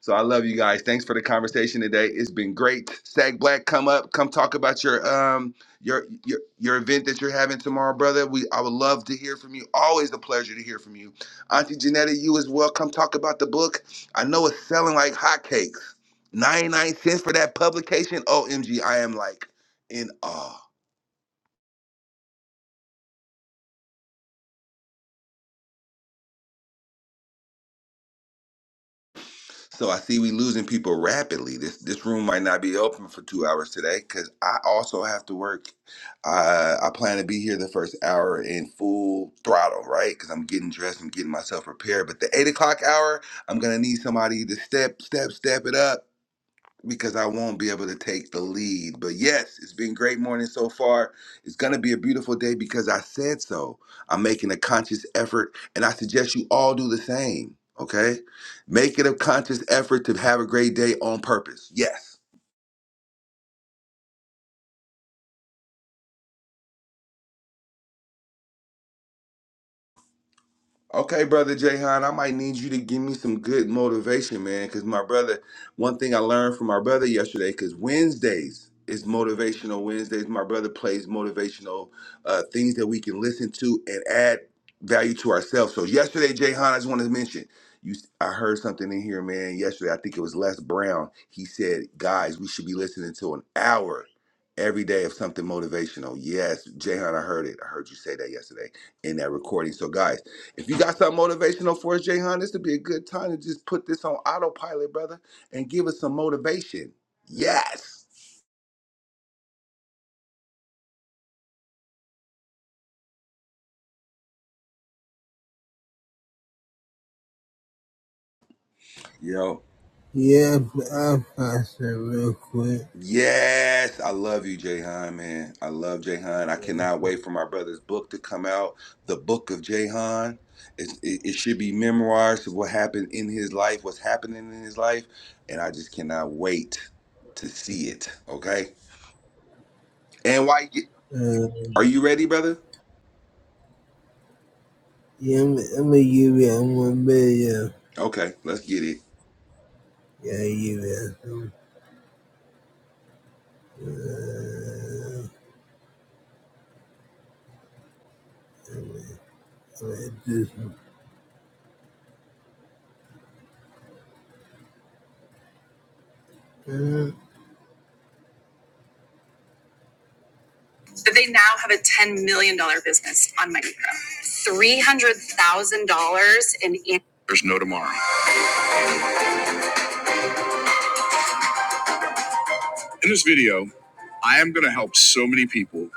so i love you guys thanks for the conversation today it's been great sag black come up come talk about your um your your your event that you're having tomorrow brother we i would love to hear from you always a pleasure to hear from you auntie janetta you as well come talk about the book I know it's selling like hotcakes. 99 cents for that publication. OMG, I am like in awe. So I see we losing people rapidly. This this room might not be open for two hours today because I also have to work. Uh, I plan to be here the first hour in full throttle, right? Because I'm getting dressed, I'm getting myself prepared. But the eight o'clock hour, I'm gonna need somebody to step, step, step it up because I won't be able to take the lead. But yes, it's been great morning so far. It's going to be a beautiful day because I said so. I'm making a conscious effort and I suggest you all do the same, okay? Make it a conscious effort to have a great day on purpose. Yes. Okay, brother Jahan, I might need you to give me some good motivation, man. Because my brother, one thing I learned from my brother yesterday, because Wednesdays is motivational Wednesdays. My brother plays motivational uh, things that we can listen to and add value to ourselves. So yesterday, Jahan, I just wanted to mention you. I heard something in here, man. Yesterday, I think it was Les Brown. He said, "Guys, we should be listening to an hour." Every day of something motivational. Yes, Jahan, I heard it. I heard you say that yesterday in that recording. So, guys if you got something motivational for us, Jayhan, this would be a good time to just put this on autopilot, brother, and give us some motivation. Yes. Yo. Yeah, but I'll pass it real quick. Yes. I love you, Jayhan, man. I love Jayhan. I cannot wait for my brother's book to come out. The book of Jayhan. It, it, it should be memoirs of what happened in his life, what's happening in his life. And I just cannot wait to see it. Okay. And why Uh, are you ready, brother? yeah, I'm, I'm gonna give you one video. Okay, let's get it. Yeah, I'll give you that Uh, I'm gonna, I'm gonna do some. Uh, so they now have a $10 million dollars business on Micro. $300,000 in. There's no tomorrow. In this video, I am gonna help so many people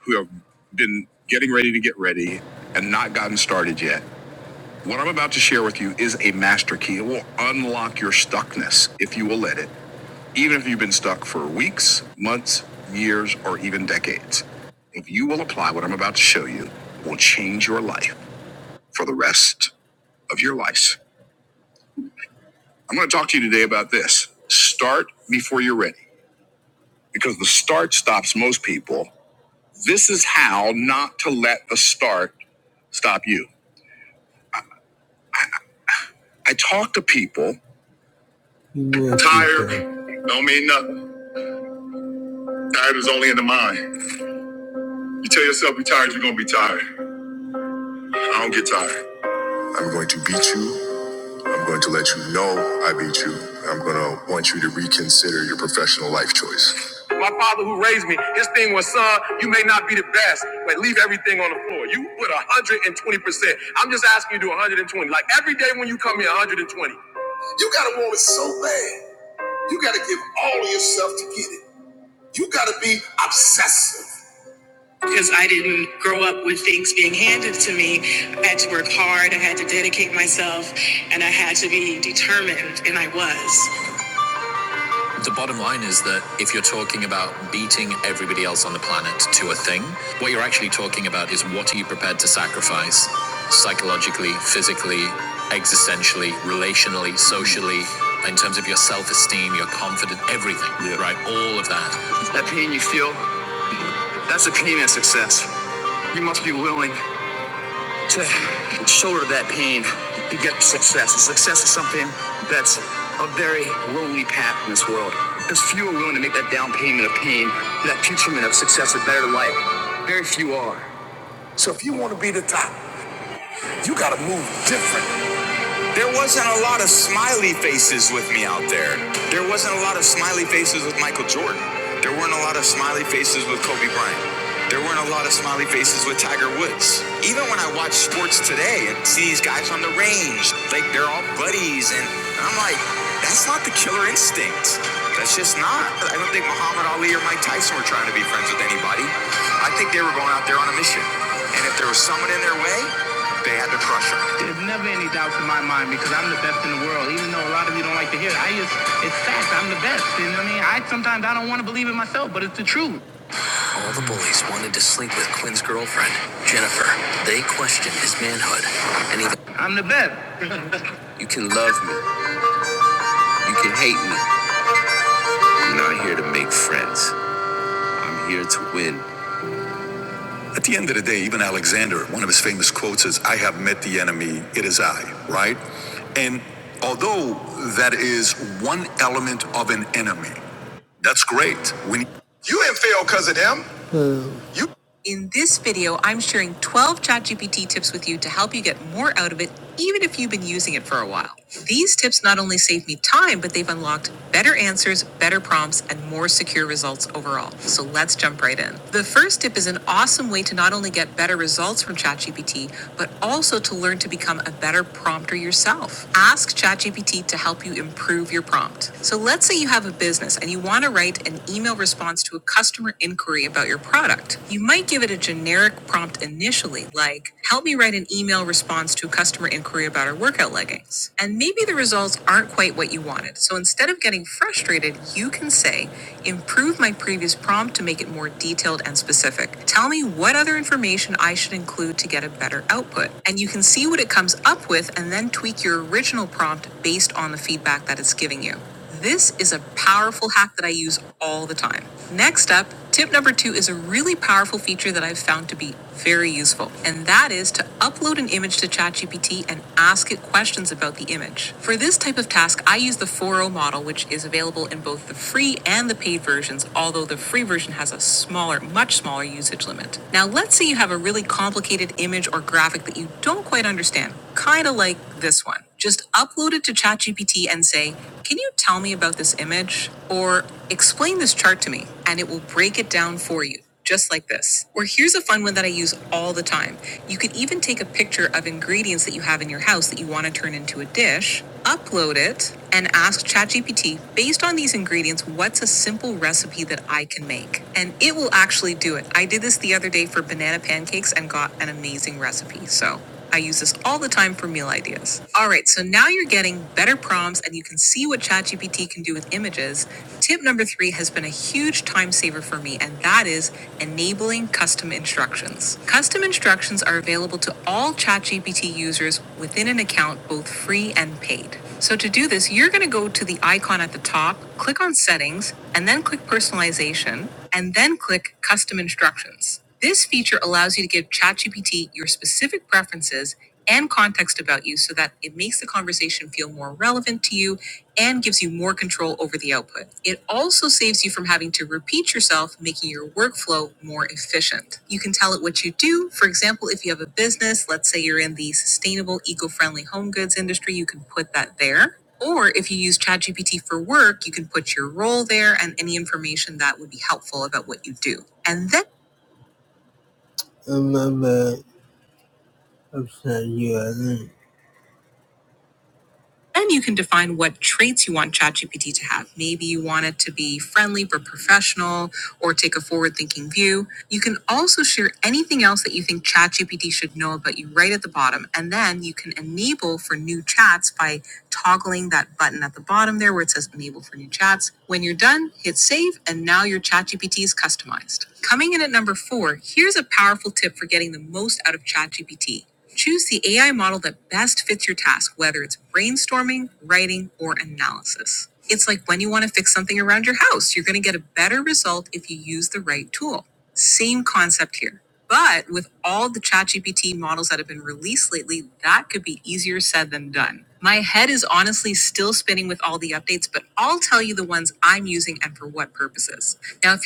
who have been getting ready to get ready and not gotten started yet. What I'm about to share with you is a master key. It will unlock your stuckness if you will let it, even if you've been stuck for weeks, months, years, or even decades. If you will apply what I'm about to show you, it will change your life for the rest of your life. I'm going to talk to you today about this. Start before you're ready because the start stops most people. This is how not to let the start stop you. I talk to people, yeah, tired, okay. don't mean nothing. Tired is only in the mind. You tell yourself you're tired, you're gonna be tired. I don't get tired. I'm going to beat you. I'm going to let you know I beat you. I'm gonna want you to reconsider your professional life choice. My father who raised me, his thing was, son, you may not be the best, but leave everything on the floor. You put 120%. I'm just asking you to do 120. Like every day when you come here, 120. Because I didn't grow up with things being handed to me. I had to work hard, I had to dedicate myself, and I had to be determined, and I was. If you're talking to you prepared to sacrifice psychologically, physically, existentially, relationally, socially, in terms of your self-esteem, your confidence, yeah. right? All of that. That pain you feel, that's a pain of success. You must be willing to shoulder that pain to get success. And success is something that's a very lonely path in this world. There's few are willing to make that down payment of pain, that future of success, a better life. Very few are. So if you want to be the top, you got to move different. There wasn't a lot of smiley faces with me out there. There wasn't a lot of smiley faces with Michael Jordan. There weren't a lot of smiley faces with Kobe Bryant. There weren't a lot of smiley faces with Tiger Woods. Even when I watch sports today and see these guys on the range, like they're all buddies, and I'm like, that's not the killer instinct. That's just not. I don't think Muhammad Ali or Mike Tyson were trying to be friends with anybody. I think they were going out there on a mission. And if there was someone in their way, they had to crush them. There's never any doubts in my mind because I'm the best in the world. Even though a lot of you don't like to hear it, I just, it's fact. I'm the best. You know what I mean? I sometimes I don't want to believe it myself, but it's the truth. I'm the best. You can hate me. I'm not here to make friends. I'm here to win. At the end of the day, even Alexander, one of his famous quotes is, I have met the enemy, it is I, right? And although that is one element of an enemy, that's great. When In this video, I'm sharing 12 ChatGPT tips with you to help you get more out of it, even if you've been using it for a while. These tips not only save me time, but they've unlocked better answers, better prompts, and more secure results overall. So let's jump right in. The first tip is an awesome way to not only get better results from ChatGPT, but also to learn to become a better prompter yourself. Ask ChatGPT to help you improve your prompt. So let's say you have a business and you want to write an email response to a customer inquiry about your product. You might give it a generic prompt initially, like, "Help." inquiry about our workout leggings. And maybe the results aren't quite what you wanted. So instead of getting frustrated, you can say, improve my previous prompt to make it more detailed and specific. Tell me what other information I should include to get a better output. And you can see what it comes up with and then tweak your original prompt based on the feedback that it's giving you. This is a powerful hack that I use all the time. Next up, tip number two is a really powerful feature I've found to be very useful, and that is to upload an image to ChatGPT and ask it questions about the image. For this type of task, I use the 4O model, which is available in both the free and the paid versions, although the free version has a smaller, much smaller usage limit. Now, let's say you have a really complicated image or graphic that you don't quite understand, kind of like this one. Just upload it to ChatGPT and say, Can you tell me about this image? Or explain this chart to me, and it will break it down for you just like this. Or here's a fun one that I use all the time. You could even take a picture of ingredients that you have in your house that you want to turn into a dish, upload it, and ask ChatGPT, based on these ingredients, what's a simple recipe that I can make? And it will actually do it. I did this the other day for banana pancakes and got an amazing recipe. So I use this all the time for meal ideas. All right, so now you're getting better prompts and you can see what chat number three, huge times enabling custom instructions. Custom instructions are all ChatGPT users within an account, both free and paid. So to do this, you're going to go to the icon at the top, click on settings, and then click personalization, and then click custom instructions. This feature allows you to give ChatGPT your specific preferences and context about you so that it makes it. Remember, I'll send you a link. Then you can define what traits you want ChatGPT to be. Take a forward-thinking view. You can also share anything else but you right at the bottom and then you can enable for new chats by toggling that the says enable for new chats when you're done hit save and now your chat is customized or here's a powerful tip for getting most out of this it's like you're getting the chat models that are still spinning with all the oth- i'll tell you the ones i'm using and for what purposes now if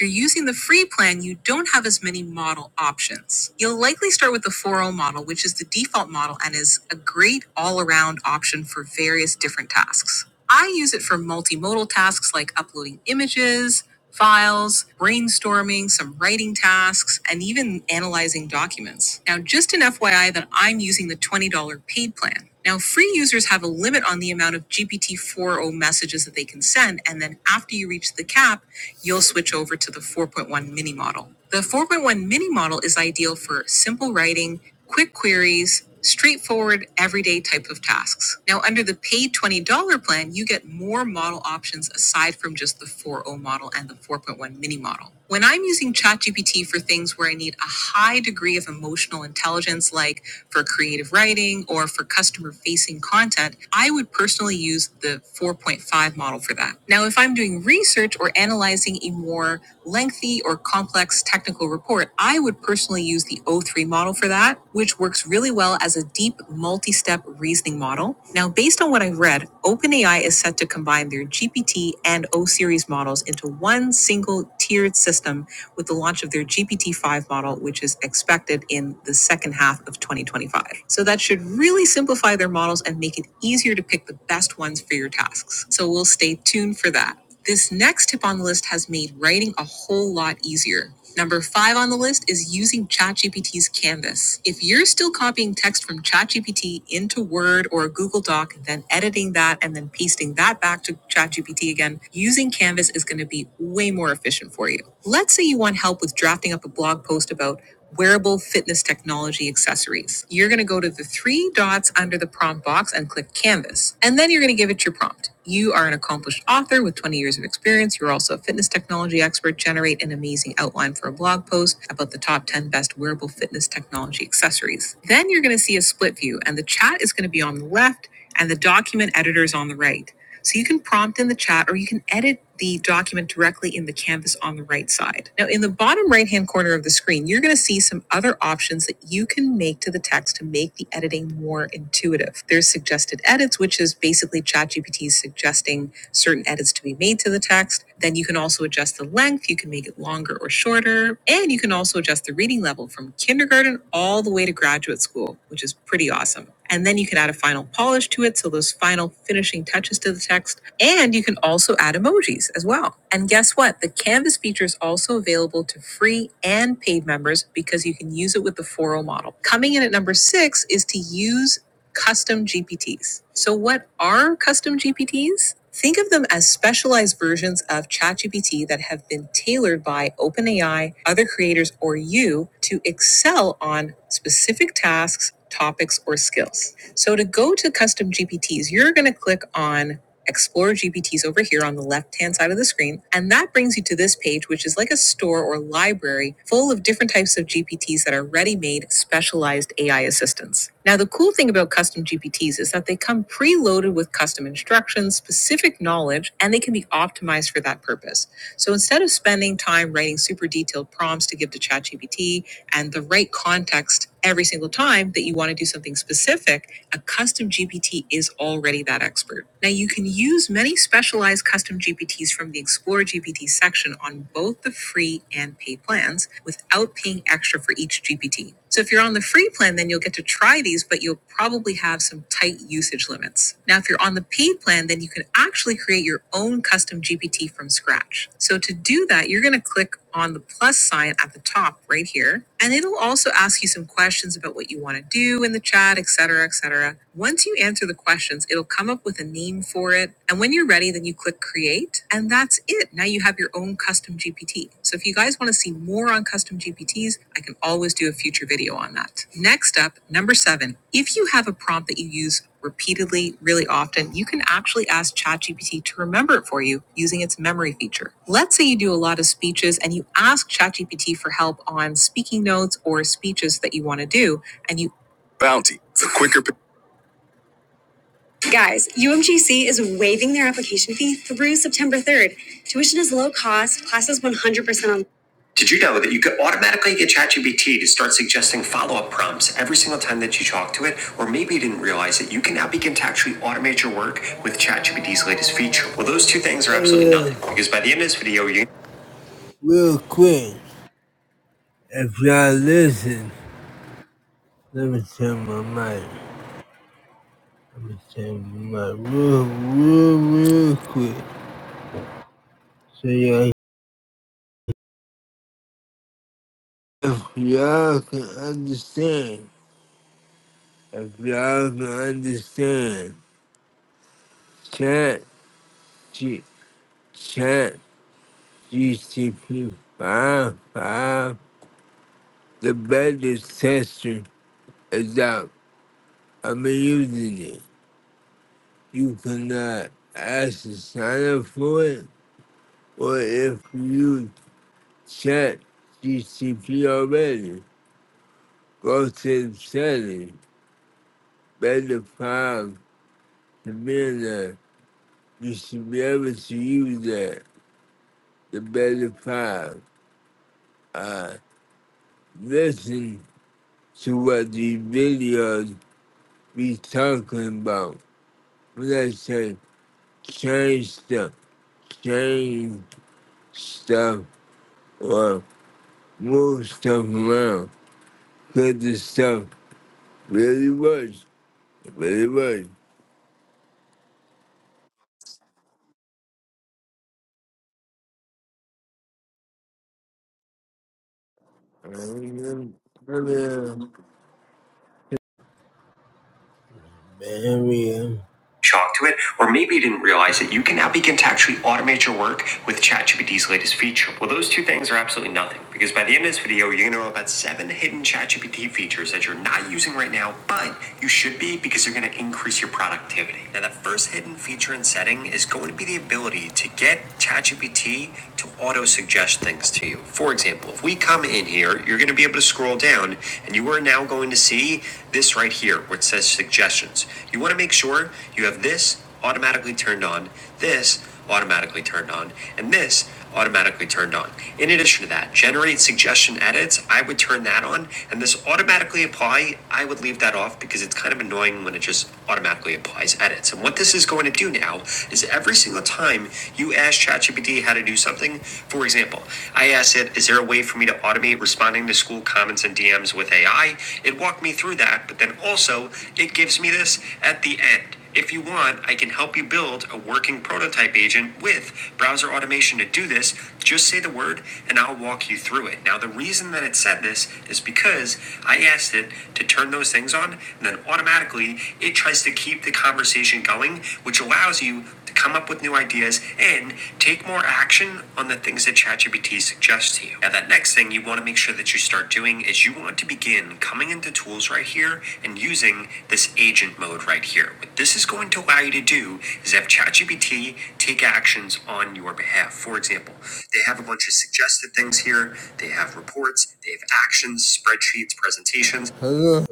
plan, you don't have as many model options. You'll likely start with the 4o model, which is the default model and is a great all around option for various different tasks. I use it for multimodal tasks like uploading images, files, brainstorming, some writing tasks, and even analyzing documents. Now, just an FYI that I'm using the $20 paid plan. Now, free users have a limit on the amount of GPT 4.0 messages that they can send, and then after you reach the, you'll switch to 4.1. The 4.0 for simple writing, quick quiz, straightforward type of tasks. Now, under the paid $20 plan, you get more model options aside from just the 4.0 model and the 4.1 mini model. When I'm using ChatGPT for things where I need a high degree of emotional intelligence, like for creative writing or for customer facing content, I would personally use the 4.5 model for that. Now, if I'm doing research or analyzing a more lengthy or complex technical report, I would personally use the O3 model for that, which works really well as a deep multi step reasoning model. Now, based on what I've read, OpenAI is set to combine their GPT and O series models into one single tiered system with the launch of their GPT 5 model, which is expected in the second half of 2025. So that should really simplify their models and make it easier to pick the best ones for your tasks. So we'll stay tuned for that. This next tip on the list has made writing a whole lot easier. Number five on the list is using ChatGPT's Canvas. If you're still copying text from ChatGPT into Word or a Google Doc, then editing that and then pasting that back to ChatGPT again, using Canvas is going to be way more efficient for you. Let's say you want help with drafting up a blog post about wearable fitness technology accessories. You're going to go to the three dots under the prompt box and click Canvas. And then you're going to give it your prompt. You are an accomplished author with 20 years of experience. You're also a fitness technology expert. Generate an amazing outline for a blog post about the top 10 best wearable fitness technology accessories. Then you're going to see a split view, and the chat is going to be on the left and the document editor is on the right. So you can prompt in the chat or you can edit the document directly in the canvas on the right side. Now, in the bottom right hand corner of the screen, you're going to see some other options that you can make to the text to make the editing more intuitive. There's suggested edits, which is basically ChatGPT suggesting certain edits to be made to the text. Then you can also adjust the length, you can make it longer or shorter, and you can also adjust the reading level from kindergarten all the way to graduate school, which is pretty awesome. And then you can add a final polish to it. So those final finishing touches to the text. And you can also add emojis as well. And. The Canvas feature is also available to free and paid members because you can use it with the 4.0 model. Coming in at number six is to use custom GPTs. So, what are custom GPTs? Think of them as specialized versions of ChatGPT that have been tailored by OpenAI, other creators, or you to excel on specific tasks, topics, or skills. So, to go to custom GPTs, you're going to click on Explore GPTs over here on the left hand side of the screen. And that brings you to this page, which is like a store or library full of different types of GPTs that are ready made specialized AI assistants. Now, the cool thing about custom GPTs is that they come preloaded with custom instructions, specific knowledge, and they can be optimized for that purpose. So instead of spending time writing super detailed prompts to give to ChatGPT and the right context every single time that you want to do something specific, a custom GPT GPT is already that expert. Now, you can use many specialized custom GPTs from the Explore GPT section on both the free and pay plans without paying extra for each GPT. So, if you're on the free plan, then you'll get to try these, but you'll probably have some tight usage limits. Now, if you're on the paid plan, then you can actually create your own custom GPT from scratch. So, to do that, you're going to click on the plus sign at the top right here, and it'll also ask you some questions about what you want to do in the chat, et cetera, et cetera. Once you answer the questions, it'll come up with a name for it. And when you're ready, then you click create, and that's it. Now you have your own custom GPT. So if you guys want to see more on custom GPTs, I can always do a future video on that. Next up, number seven, if you have a prompt that you use repeatedly, really often, you can actually ask ChatGPT to remember it for you using its memory feature. Let's say you do a lot of speeches and you ask ChatGPT for help on speaking notes or speeches that you want to do, and you Guys, UMGC is waiving their application fee through September 3rd. Tuition is low cost, classes 100% on. Did you know that you could automatically get ChatGPT to start suggesting follow up prompts every single time that you talk to it? Or maybe you didn't realize that you can now begin to actually automate your work with ChatGPT's latest feature. Well, those two things are absolutely nothing because by the end of this video, you real quick, if y'all listen, let me turn my mic. Let me turn my mic real, real, real quick. So y'all If y'all can understand, if y'all can understand, chat, G, chat, GCP, five, five, the better tester is out. I'm using it. You cannot ask to sign up for it, or if you chat GCP already, go to the settings, better five, the minute, you should be able to use that, the better five. listen to what the videos be talking about. Let's say change stuff, change stuff, or move stuff around. Cause the stuff really works. really works. Very. shock to it, or maybe you didn't realize it, you can now begin to actually automate your work with ChatGPT's latest feature. Well, those two things are absolutely nothing, because by the end of this video, you're gonna know about seven hidden ChatGPT features that you're not using right now, but you should be because they're gonna increase your productivity. Now, that first hidden feature and setting is going to be the ability to get ChatGPT to auto suggest things to you. For example, if we come in here, you're going to be able to scroll down and you are now going to see this right here, which says suggestions. You want to make sure you have this automatically turned on, this automatically turned on, and this automatically turned on. In addition to that, generate suggestion edits. I would turn that on, and this automatically apply. I would leave that off because it's kind of annoying when it just automatically applies edits. And what this is going to do now is every single time you ask ChatGPT how to do something, for example, I asked it, "Is there a way for me to automate responding to school comments and DMs with AI?" It walked me through that, but then also it gives me this at the end. If you want, I can help you build a working prototype agent with browser automation to do this. Just say the word and I'll walk you through it. Now, the reason that it said this is because I asked it to turn those things on and then automatically it tries to keep the conversation going, which allows you to come up with new ideas, and take more action on the things that ChatGPT suggests to you. Now, that next thing you want to make sure that you start doing is you want to begin coming into tools right here and using this agent mode right here. What this is going to allow you to do is have ChatGPT take actions on your behalf. For example, they have a bunch of suggested things here, they have reports, they have actions, spreadsheets, presentations. Hello,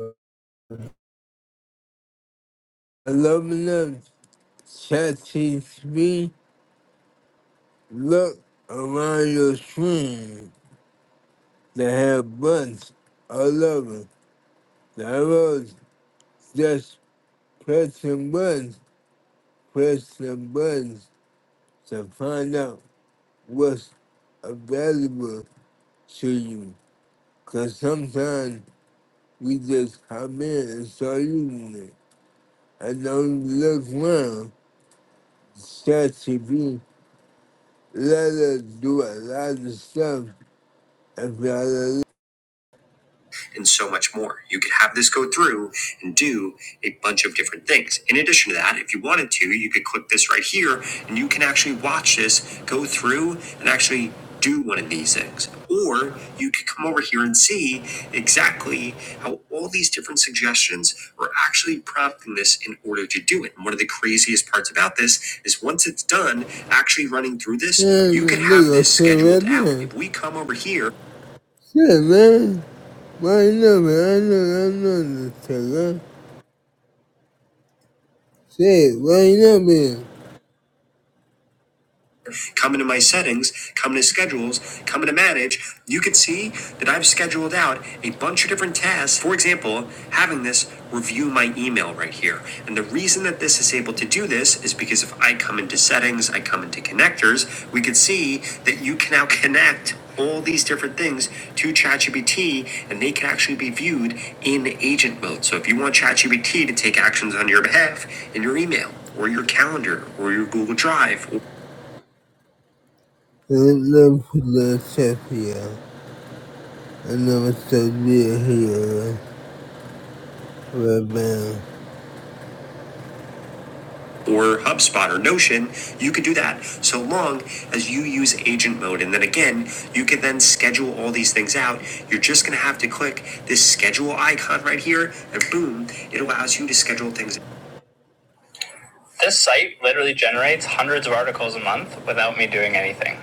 hello, hello. ChatGPT. Look around your screen. They have buttons all over. The arrows just pressing buttons, pressing buttons to find out what's available to you. Cause sometimes we just come in and start using it. And don't look around. Chat TV let us do a lot of stuff if y'all and so much more. You could have this go through and do a bunch of different things. In addition to that, if you wanted to, you could click this right here and you can actually watch this go through and actually do one of these things. Or you could come over here and see exactly how all these different suggestions are actually prompting this in order to do it. And one of the craziest parts about this is once it's done, actually running through this, Yeah, you can have this scheduled right out. If we come over here Say man. Why not, me? I know, I know the sucker. Say, why not, me? come into my settings, come to schedules, come to manage, you can see that I've scheduled out a bunch of different tasks. For example, having this review my email right here. And the reason that this is able to do this is because if I come into settings, I come into connectors, we could see that you can now connect all these different things to ChatGPT and they can actually be viewed in agent mode. So if you want ChatGPT to take actions on your behalf in your email or your calendar or your Google Drive in Liverpool, Sheffield, and I'm still here right now. Or HubSpot or Notion, you could do that so long as you use agent mode. And then again, you can then schedule all these things out. You're just going to have to click this schedule icon right here, and boom, it allows you to schedule things. This site literally generates hundreds of articles a month without me doing anything.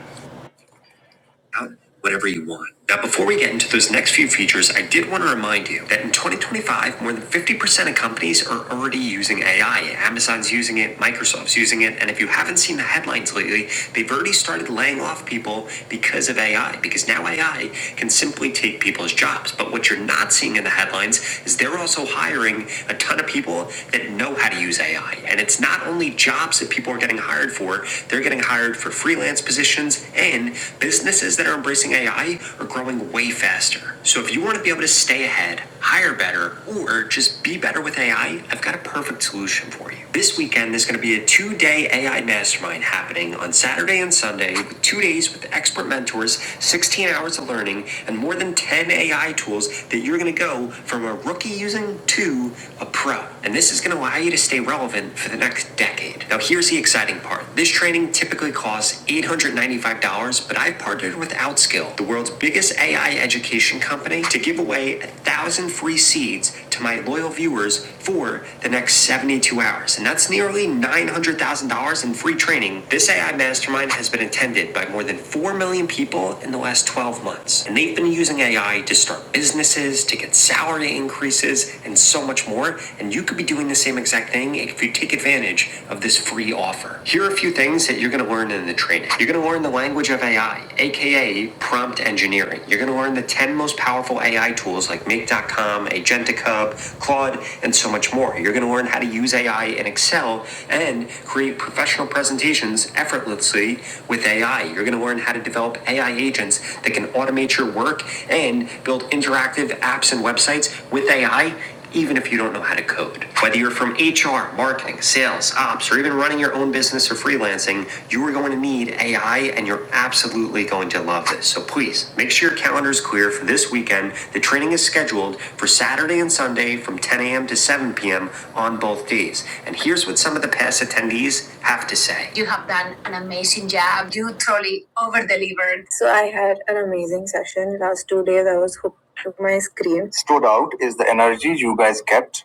out whatever you want. Now, before we get into those next few features, I did want to remind you that in 2025, more than 50% of companies are already using AI. Amazon's using it, Microsoft's using it, and if you haven't seen the headlines lately, they've already started laying off people because of AI, because now AI can simply take people's jobs. But what you're not seeing in the headlines is they're also hiring a ton of people that know how to use AI. And it's not only jobs that people are getting hired for, for. They're getting hired for freelance positions, and businesses that are embracing AI are growing way faster. So if you want to be able to stay ahead, hire better, or just be better with AI, I've got a perfect solution for you. This weekend, there's going to be a two day AI mastermind happening on Saturday and Sunday, with two days with expert mentors, 16 hours of learning, and more than 10 AI tools that you're going to go from a rookie using to a pro. And this is going to is going to allow you to stay relevant for the next decade. Now, here's the exciting part. This training typically costs $895, but I've partnered with Outskill, the world's biggest AI education company, to give away 1,000 free seeds to my loyal viewers for the next 72 hours. And that's nearly $900,000 in free training. This AI mastermind has been attended by more than 4 million people in the last 12 months. And they've been using AI to start businesses, bonuses, to get salary increases, and so much more. And you could be doing the same exact thing if you take advantage of this free offer. Here are a few things that you're going to learn in the training. You're going to learn the language of AI, aka prompt engineering. You're going to learn the 10 most powerful AI tools like Make.com, Agentic Hub, Claude, and so much more. You're going to learn how to use AI in Excel and create professional presentations effortlessly with AI. You're going to learn how to develop AI agents that can automate your work and build interactive apps and websites with AI, even if you don't know how to code. Whether you're from HR, marketing, sales, ops, or even running your own business or freelancing, you are going to need AI and you're absolutely going to love this. So please make sure your calendar is clear for this weekend. The training is scheduled for Saturday and Sunday from 10 a.m. to 7 p.m. on both days. And here's what some of the past attendees have to say. You're So I had an amazing session. Last two days I was hooked to my screen. Stood out.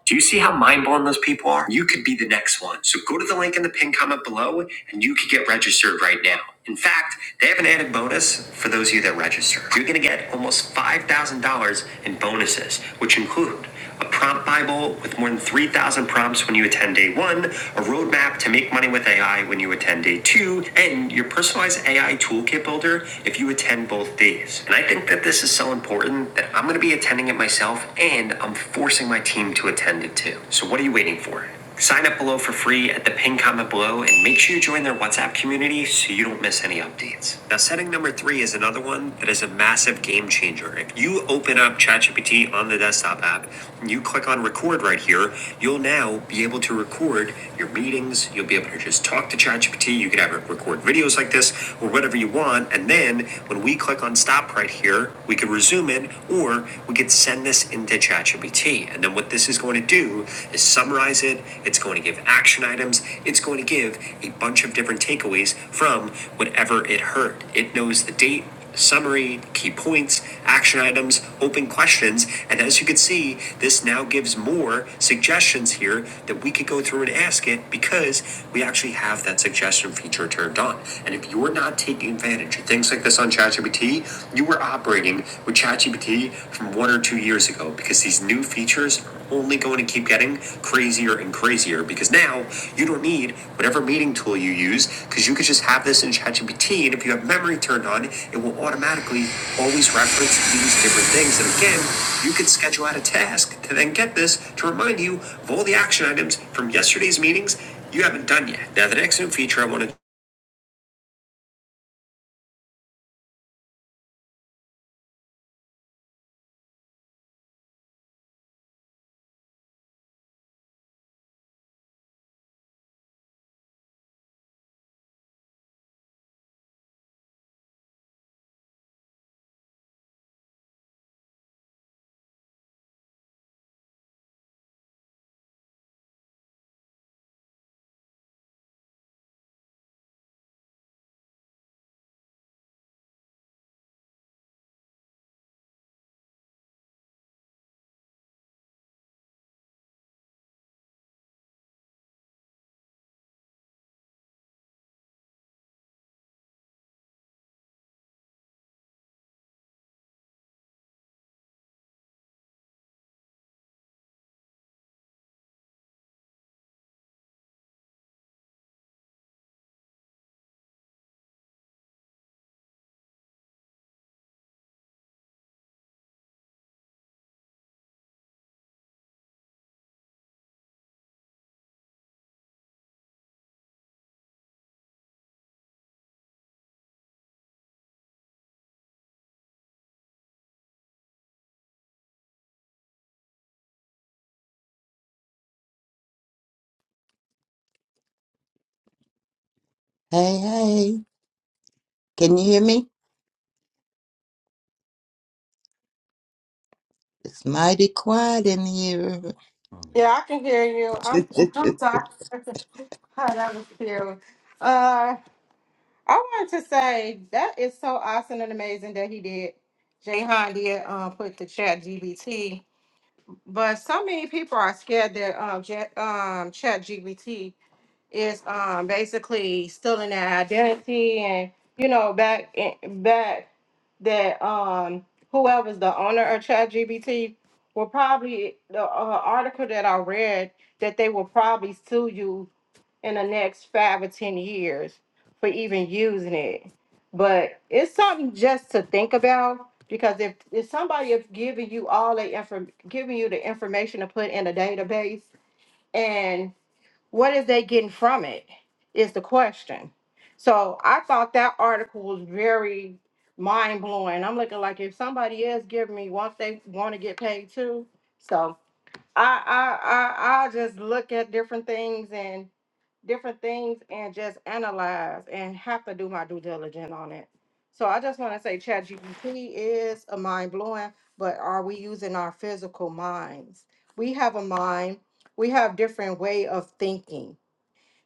Do you see how mind blown those people are? You could be the next one. So go to the link in the pinned comment below and you could get registered right now. In fact, they have an added bonus for those of you that register. You're going to get almost $5,000 in bonuses, which include a prompt Bible with more than 3,000 prompts when you attend day one, a roadmap to make money with AI when you attend day two, and your personalized AI toolkit builder if you attend both days. And I think that this is so important that I'm going to be attending it myself myself and I'm forcing my team to attend it too. So what are you waiting for? Sign up below for free at the pin comment below and make sure you join their WhatsApp community so you don't miss any updates. Now, setting number three is another one that is a massive game changer. If you open up ChatGPT on the desktop app and you click on record right here, you'll now be able to record your meetings. You'll be able to just talk to ChatGPT. You could have it record videos like this or whatever you want. And then when we click on stop right here, later, we could resume it, or we could send this into ChatGPT. And then what this is going to do is summarize it. It's going to give action items. It's going to give a bunch of different takeaways from whatever it heard. It knows the date, summary, key points, action items, open questions. And as you can see, this now gives more suggestions here that we could go through and ask it because we actually have that suggestion feature turned on. And if you're not taking advantage, advantage. Things like this on ChatGPT, you were operating with ChatGPT from one or two years ago because these new features are only going to keep getting crazier and crazier because now you don't need whatever meeting tool you use because you could just have this in ChatGPT and if you have memory turned on, it will automatically always reference these different things. And again, you could schedule out a task to then get this to remind you of all the action items from yesterday's meetings you haven't done yet. Now, the next new feature I want to Hey, hey, can you hear me? It's mighty quiet in here. Yeah, I can hear you. hey, I'm I'm sorry. Hi, that was cute. Uh, I wanted to say that is so awesome and amazing that he did. Jayhan did um, put the chat GBT But so many people are scared that um, Jet, um, Chat GPT is um, basically stealing their identity, and you know, back in, back that um, whoever's the owner of Chat GPT will probably the uh, article that I read that they will probably sue you in the next five or ten years for even using it. But it's something just to think about because if if somebody is giving you all the inform giving you the information to put in a database and what is they getting from it is the question. So I thought that article was very mind blowing. I'm looking like if somebody is giving me once they want to get paid too. So I I I I just look at different things and different things and just analyze and have to do my due diligence on it. So I just want to say ChatGPT is a mind blowing, but are we using our physical minds? We have a mind, we have different way of thinking.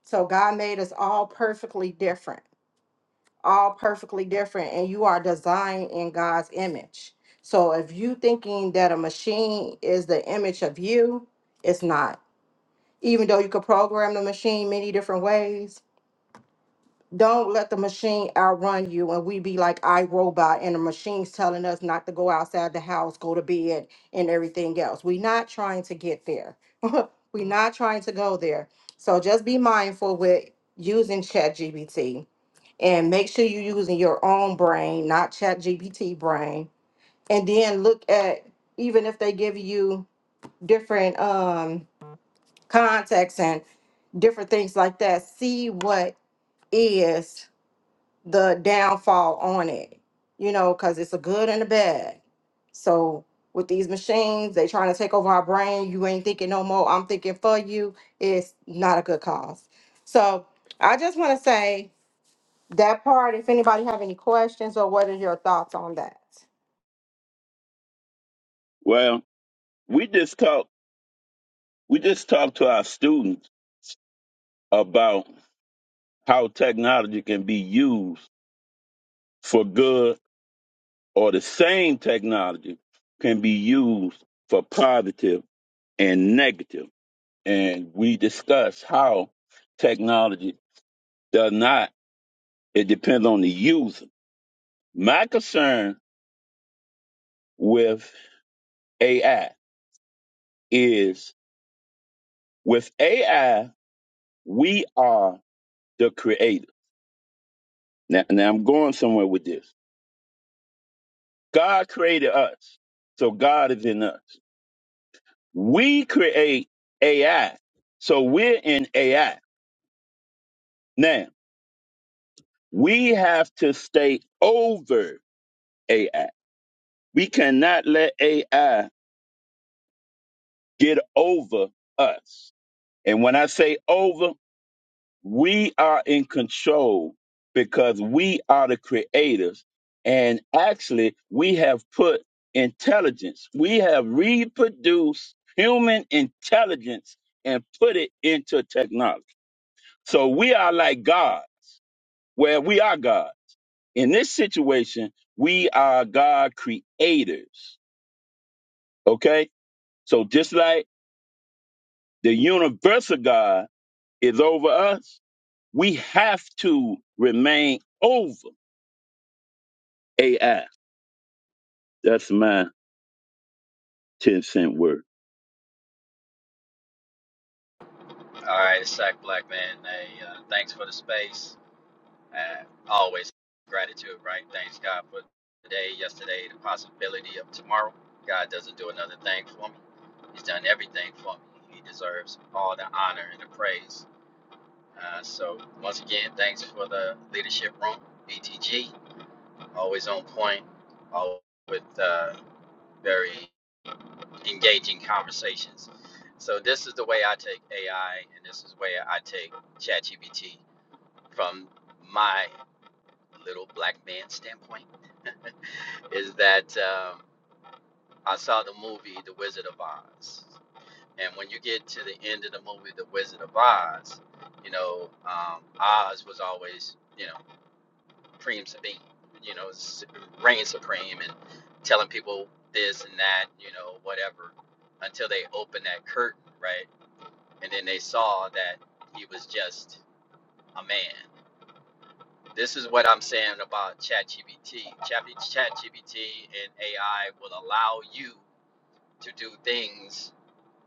So God made us all perfectly different, all perfectly different, and you are designed in God's image. So if you thinking that a machine is the image of you, it's not. Even though you could program the machine many different ways, don't let the machine outrun you and we be like iRobot and the machine's telling us not to go outside the house, go to bed, and everything else. We're not trying to get there. We're not trying to go there. So just be mindful with using ChatGPT and make sure you're using your own brain, not ChatGPT brain. And then look at even if they give you different um contexts and different things like that, see what is the downfall on it, you know, because it's a good and a bad. So with these machines, they trying to take over our brain. You ain't thinking no more. I'm thinking for you. It's not a good cause. So I just want to say that part. If anybody have any questions or what are your thoughts on that? Well, we just talk we just talked to our students about how technology can be used for good or the same technology can be used for positive and negative. And we discussed how technology does not it depends on the user. My concern with AI is with AI we are the creator. Now, now I'm going somewhere with this. God created us, so God is in us. We create AI, so we're in AI. Now, we have to stay over AI. We cannot let AI get over us. And when I say over, We are in control because we are the creators. And actually, we have put intelligence, we have reproduced human intelligence and put it into technology. So we are like God, where we are God. In this situation, we are God creators. Okay? So just like the universal God is over us, we have to remain over AI That's my 10 cent word. All right, it's Sack Black Man. Hey, uh, thanks for the space. Uh, always gratitude, right? Thanks God for today, yesterday, the possibility of tomorrow. God doesn't do another thing for me. He's done everything for me. He deserves all the honor and the praise. Uh, so once again, thanks for the leadership room, BTG. Always on point. Always with uh, very engaging conversations. So this is the way I take AI, and this is where I take ChatGPT from my little black man standpoint is that um, I saw the movie The Wizard of Oz, and when you get to the end of the movie The Wizard of Oz, you know um, Oz was always you know supreme, you know reign supreme, and telling people this and that, you know whatever, until they opened that curtain, right? And then they saw that he was just a man, This is what I'm saying about ChatGPT. Chat- ChatGPT and AI will allow you to do things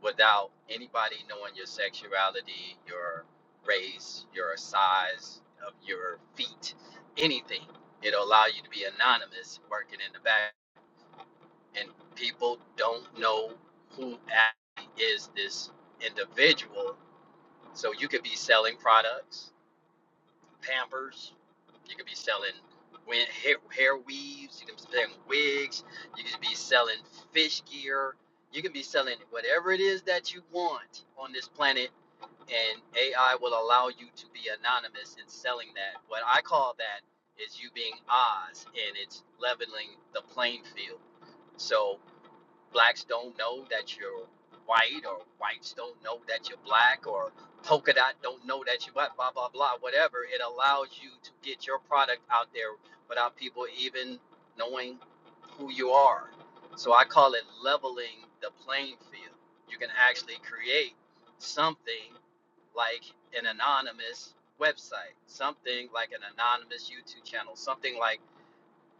without anybody knowing your sexuality, your race, your size of your feet, anything. It'll allow you to be anonymous working in the back, and people don't know who actually is this individual. So you could be selling products, Pampers. You could be selling wi- hair, hair weaves. You could be selling wigs. You could be selling fish gear. You can be selling whatever it is that you want on this planet, and AI will allow you to be anonymous in selling that. What I call that is you being Oz, and it's leveling the playing field. So blacks don't know that you're white or whites don't know that you're black or polka dot don't know that you're black, blah blah blah whatever it allows you to get your product out there without people even knowing who you are so i call it leveling the playing field you can actually create something like an anonymous website something like an anonymous youtube channel something like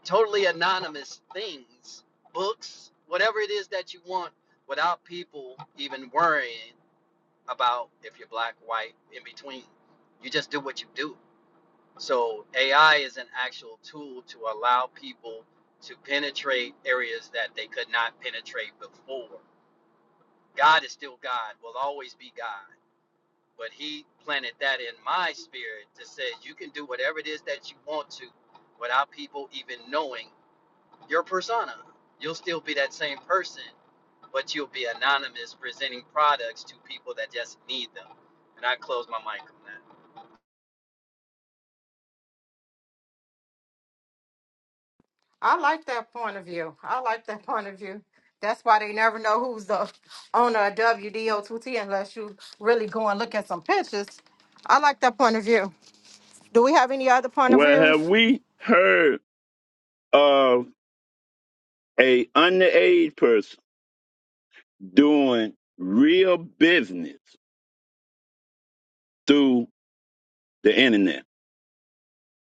totally anonymous things, books, whatever it is that you want, without people even worrying about if you're black, white, in between. You just do what you do. So AI is an actual tool to allow people to penetrate areas that they could not penetrate before. God is still God, will always be God. But he planted that in my spirit to say you can do whatever it is that you want to without people even knowing your persona. You'll still be that same person, but you'll be anonymous presenting products to people that just need them. And I close my mic on that. I like that point of view. I like that point of view. That's why they never know who's the owner of WDO2T unless you really go and look at some pictures. I like that point of view. Do we have any other point of Well, views? have we heard of a underage person doing real business through the internet?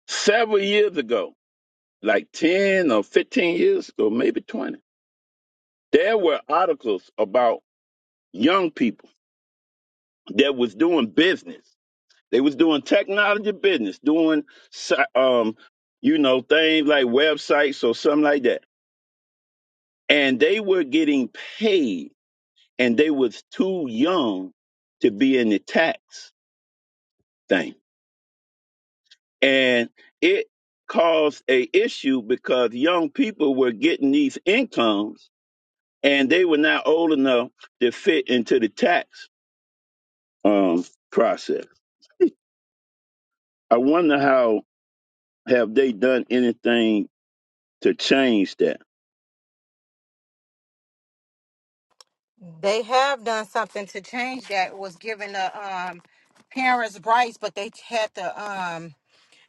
Several years ago, like 10 or 15 years ago, maybe 20, there were articles about young people that was doing business. They was doing technology business, doing si- um, you know, things like websites or something like that. And they were getting paid and they was too young to be in the tax thing. And it caused a issue because young people were getting these incomes and they were not old enough to fit into the tax um, process. I wonder how have they done anything to change that? They have done something to change that was given the um parents rights, but they had to um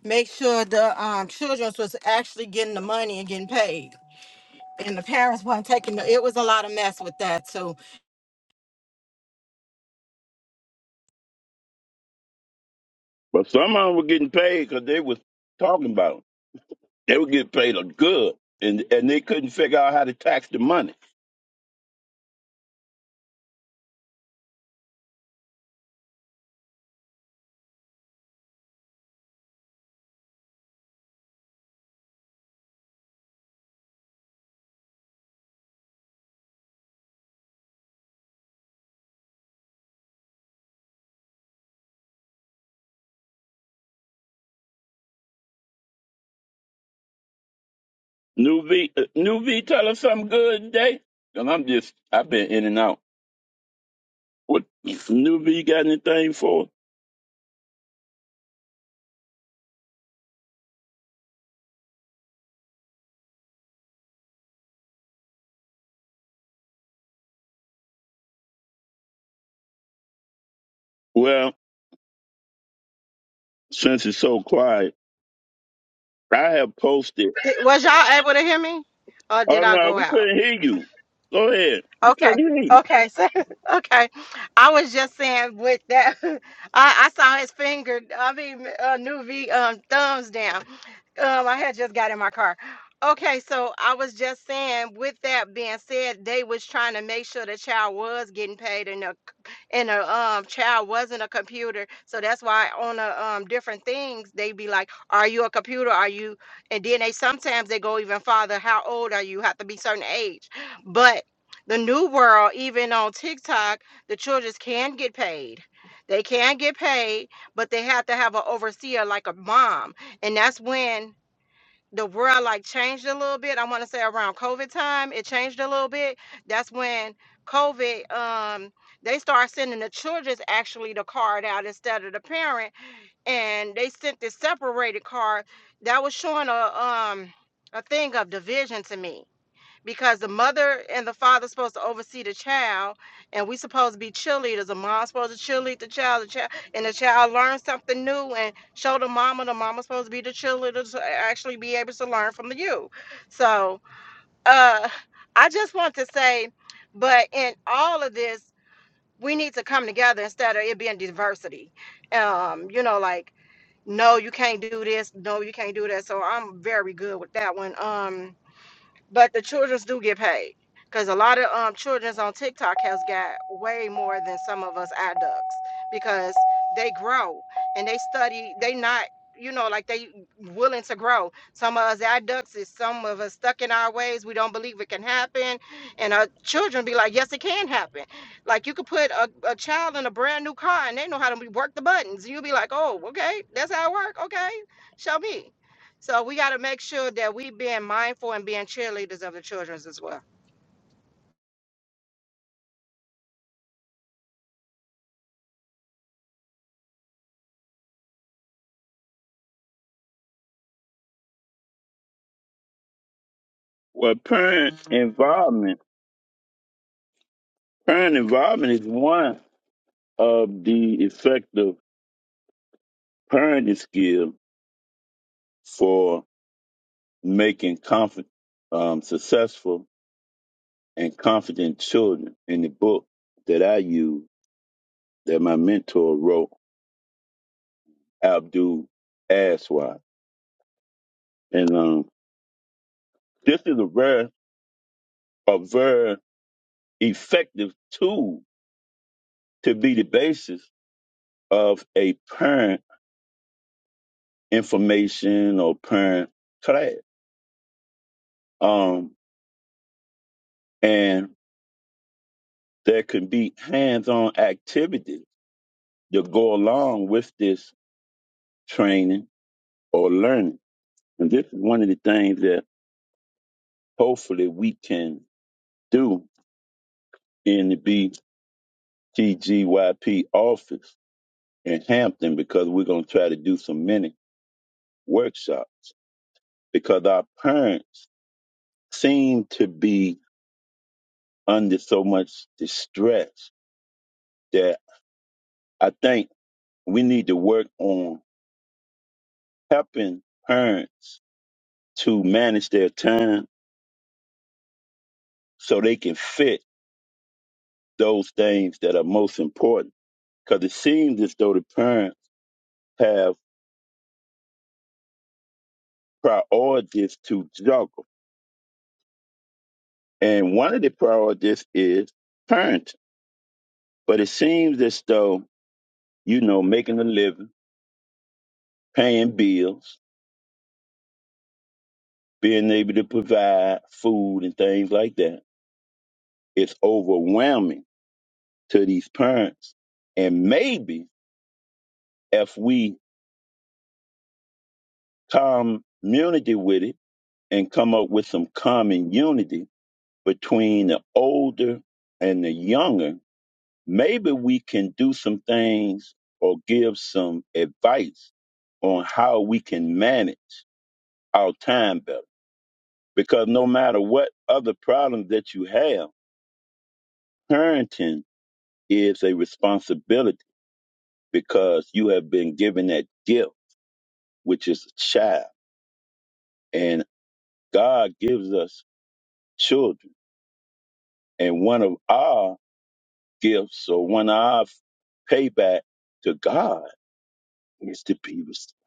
make sure the um children was actually getting the money and getting paid. And the parents weren't taking the, it was a lot of mess with that. So But some of them were getting paid because they was talking about it. they were getting paid good, and and they couldn't figure out how to tax the money. New V, uh, New V, tell us something good today. And I'm just, I've been in and out. What New V got anything for? us? Well, since it's so quiet, I have posted. was y'all able to hear me? Or did Oh I no, go we out? couldn't hear you. Go ahead, we Okay. couldn't hear you. Okay. So, okay. I was just saying with that, I, I saw his finger, I mean, uh, new V um, thumbs down. Um, I had just got in my car. Okay. So I was just saying with that being said, they was trying to make sure the child was getting paid and the, c- and the um, child wasn't a computer. So that's why on the um, different things, they be like, are you a computer? Are you, and then they, sometimes they go even farther. How old are you? Have to be certain age. But the new world, even on TikTok, the children can get paid. They can get paid, but they have to have an overseer like a mom. And that's when the world like changed a little bit. I want to say around COVID time, it changed a little bit. That's when COVID, um, they start sending the children's actually the card out instead of the parent. And they sent this separated card that was showing a um a thing of division to me because the mother and the father supposed to oversee the child and we supposed to be cheerleaders the mom's supposed to cheerlead the child the child and the child learns something new and show the mama the mama's supposed to be the cheerleader to actually be able to learn from the you so uh i just want to say but in all of this we need to come together instead of it being diversity um you know like no you can't do this no you can't do that so i'm very good with that one um but the children's do get paid because a lot of um children's on TikTok has got way more than some of us adults because they grow and they study. They not you know like they willing to grow. Some of us adults is some of us stuck in our ways. We don't believe it can happen, and our children be like, yes, it can happen. Like you could put a, a child in a brand new car and they know how to work the buttons. You'll be like, oh, okay, that's how it work. Okay, show me. So we got to make sure that we being mindful and being cheerleaders of the children's as well. Well, parent involvement, parent involvement is one of the effective parenting skills for making confident, um, successful and confident children in the book that I use. that my mentor wrote, Abdul Aswad. And um, this is a very, a very effective tool to be the basis of a parent information or parent class. Um, and there can be hands-on activities that go along with this training or learning. And this is one of the things that hopefully we can do in the BTGYP office in Hampton because we're going to try to do some mini workshops because our parents seem to be under so much distress that I think we need to work on helping parents to manage their time so they can fit those things that are most important because it seems as though the parents have priorities to juggle. And one of the priorities is parenting. But it seems as though you know, making a living, paying bills, being able to provide food and things like that. It's overwhelming to these parents. And maybe if we come community with it and come up with some common unity between the older and the younger, maybe we can do some things or give some advice on how we can manage our time better because no matter what other problems that you have, parenting is a responsibility because you have been given that gift, which is a child. And God gives us children. And one of our gifts or one of our payback to God is to be responsible.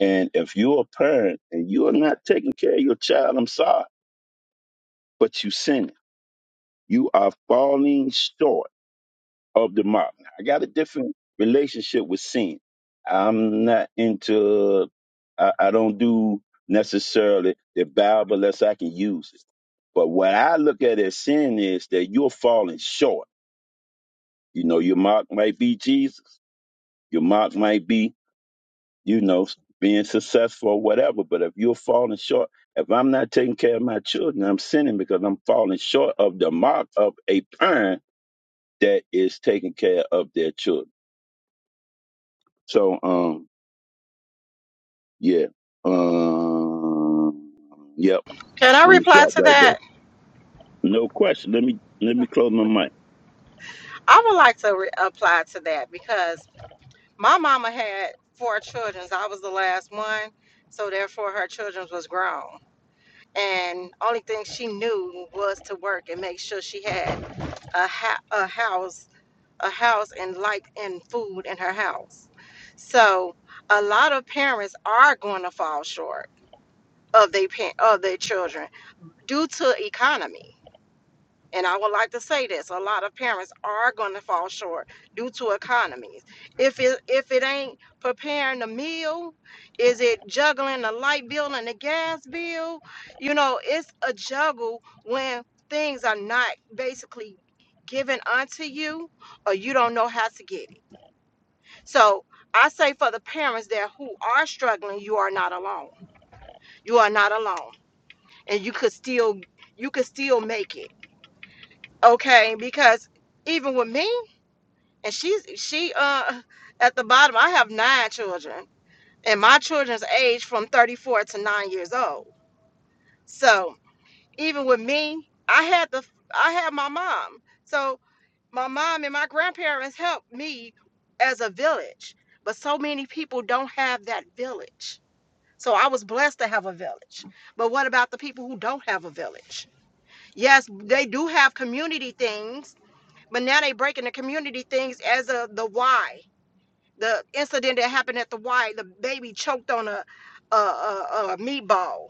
And if you're a parent and you are not taking care of your child, I'm sorry, but you sinning. You are falling short of the mob. I got a different relationship with sin. I'm not into. I, I don't do necessarily the Bible unless I can use it. But what I look at as sin is that you're falling short. You know, your mark might be Jesus. Your mark might be, you know, being successful or whatever. But if you're falling short, if I'm not taking care of my children, I'm sinning because I'm falling short of the mark of a parent that is taking care of their children. So, um, Yeah. Um. Yep. Can I Let me reply stop to right there. that? No question. Let me let me close my mic. I would like to re- apply to that because my mama had four children. I was the last one, so therefore her children was grown. And only thing she knew was to work and make sure she had a ha- a house, a house and light and food in her house. So a lot of parents are going to fall short of their pa- of their children due to economy and i would like to say this a lot of parents are going to fall short due to economies if it if it ain't preparing the meal is it juggling the light bill and the gas bill you know it's a juggle when things are not basically given unto you or you don't know how to get it so i say for the parents that who are struggling you are not alone you are not alone and you could still you could still make it okay because even with me and she's she uh at the bottom i have nine children and my children's age from 34 to 9 years old so even with me i had the i had my mom so my mom and my grandparents helped me as a village but so many people don't have that village so i was blessed to have a village but what about the people who don't have a village yes they do have community things But now they breaking the community things as of the why. The incident that happened at the Y, the baby choked on a a, a, a meatball.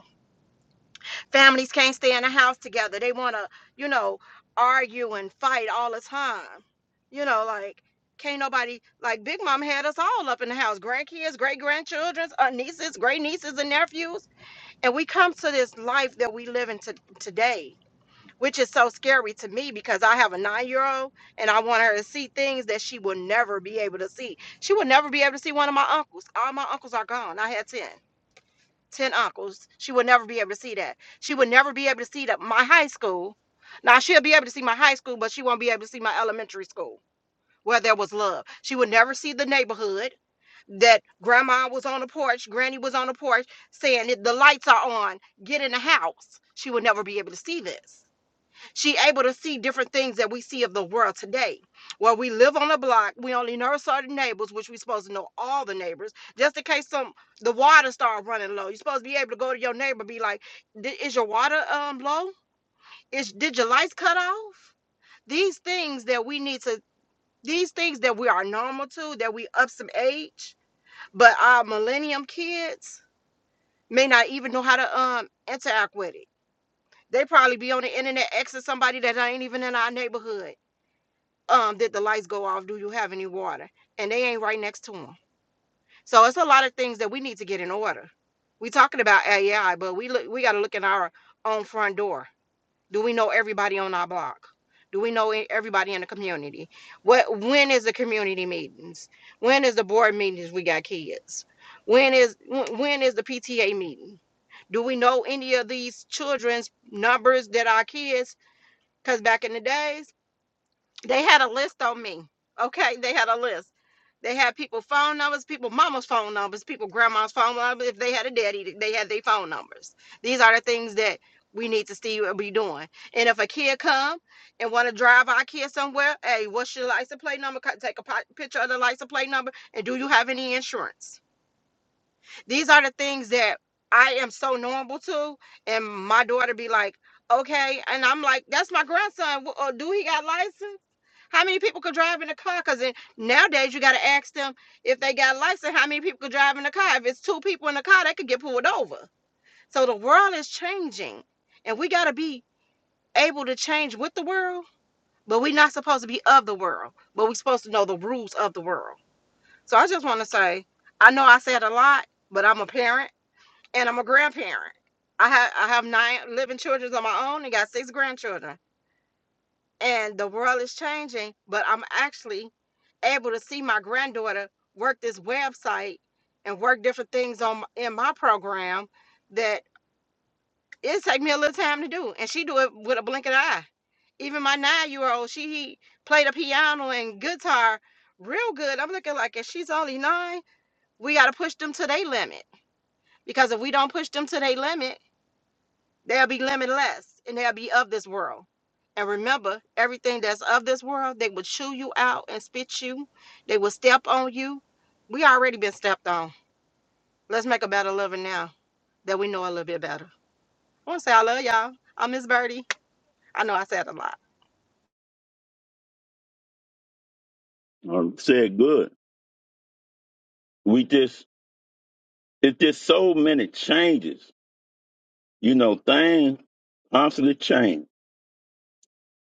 Families can't stay in the house together. They want to, you know, argue and fight all the time. You know, like can't nobody like Big Mom had us all up in the house, grandkids, great grandchildren, uh, nieces, great nieces and nephews, and we come to this life that we live in to, today which is so scary to me because I have a nine year old and I want her to see things that she will never be able to see. She will never be able to see one of my uncles. All my uncles are gone. I had 10, 10 uncles. She will never be able to see that. She would never be able to see that my high school. Now she'll be able to see my high school, but she won't be able to see my elementary school where there was love. She would never see the neighborhood that grandma was on the porch, granny was on the porch saying that the lights are on, get in the house. She would never be able to see this she able to see different things that we see of the world today. Well, we live on a block. We only know certain neighbors, which we supposed to know all the neighbors, just in case some the water start running low. You're supposed to be able to go to your neighbor, and be like, "Di- "Is your water um low? Is did your lights cut off?" These things that we need to. These things that we are normal to, that we up some age, but our millennium kids may not even know how to um interact with it. They probably be on the internet asking somebody that ain't even in our neighborhood um did the lights go off do you have any water and they ain't right next to them so it's a lot of things that we need to get in order we talking about ai but we look we got to look in our own front door do we know everybody on our block do we know e- everybody in the community what when is the community meetings when is the board meetings we got kids when is wh- when is the pta meeting do we know any of these children's numbers that our kids because back in the days they had a list on me. Okay, they had a list. They had people phone numbers, people mama's phone numbers, people grandma's phone numbers. If they had a daddy, they had their phone numbers. These are the things that we need to see what we doing. And if a kid come and want to drive our kid somewhere, hey, what's your license plate number? Co- Take a pi- picture of the license plate number. And do you have any insurance? These are the things that I am so knowable to, and my daughter be like, okay, and I'm like, that's my grandson. Wh- uh, Do he got license? How many people could drive in a car? Because nowadays you got to ask them if they got license. How many people could drive in a car? If it's two people in a car, they could get pulled over. So the world is changing, and we got to be able to change with the world. But we're not supposed to be of the world, but we're supposed to know the rules of the world. So I just want to say, I know I said a lot, but I'm a parent and I'm a grandparent. I have I have nine living children of my own and got six grandchildren. And the world is changing, but I'm actually able to see my granddaughter work this website and work different things on m- in my program that it take me a little time to do, and she do it with a blink of the eye. Even my nine year old, she played the piano and guitar real good. I'm looking like if she's only nine, we gotta push them to their limit because if we don't push them to their limit They'll be limitless and they'll be of this world. And remember, everything that's of this world, they will chew you out and spit you. They will step on you. We already been stepped on. Let's make a better lover now that we know a little bit better. I want to say I love y'all. I'm Miss Birdie. I know I said a lot. I said good. We just it's just so many changes. You know, things constantly change.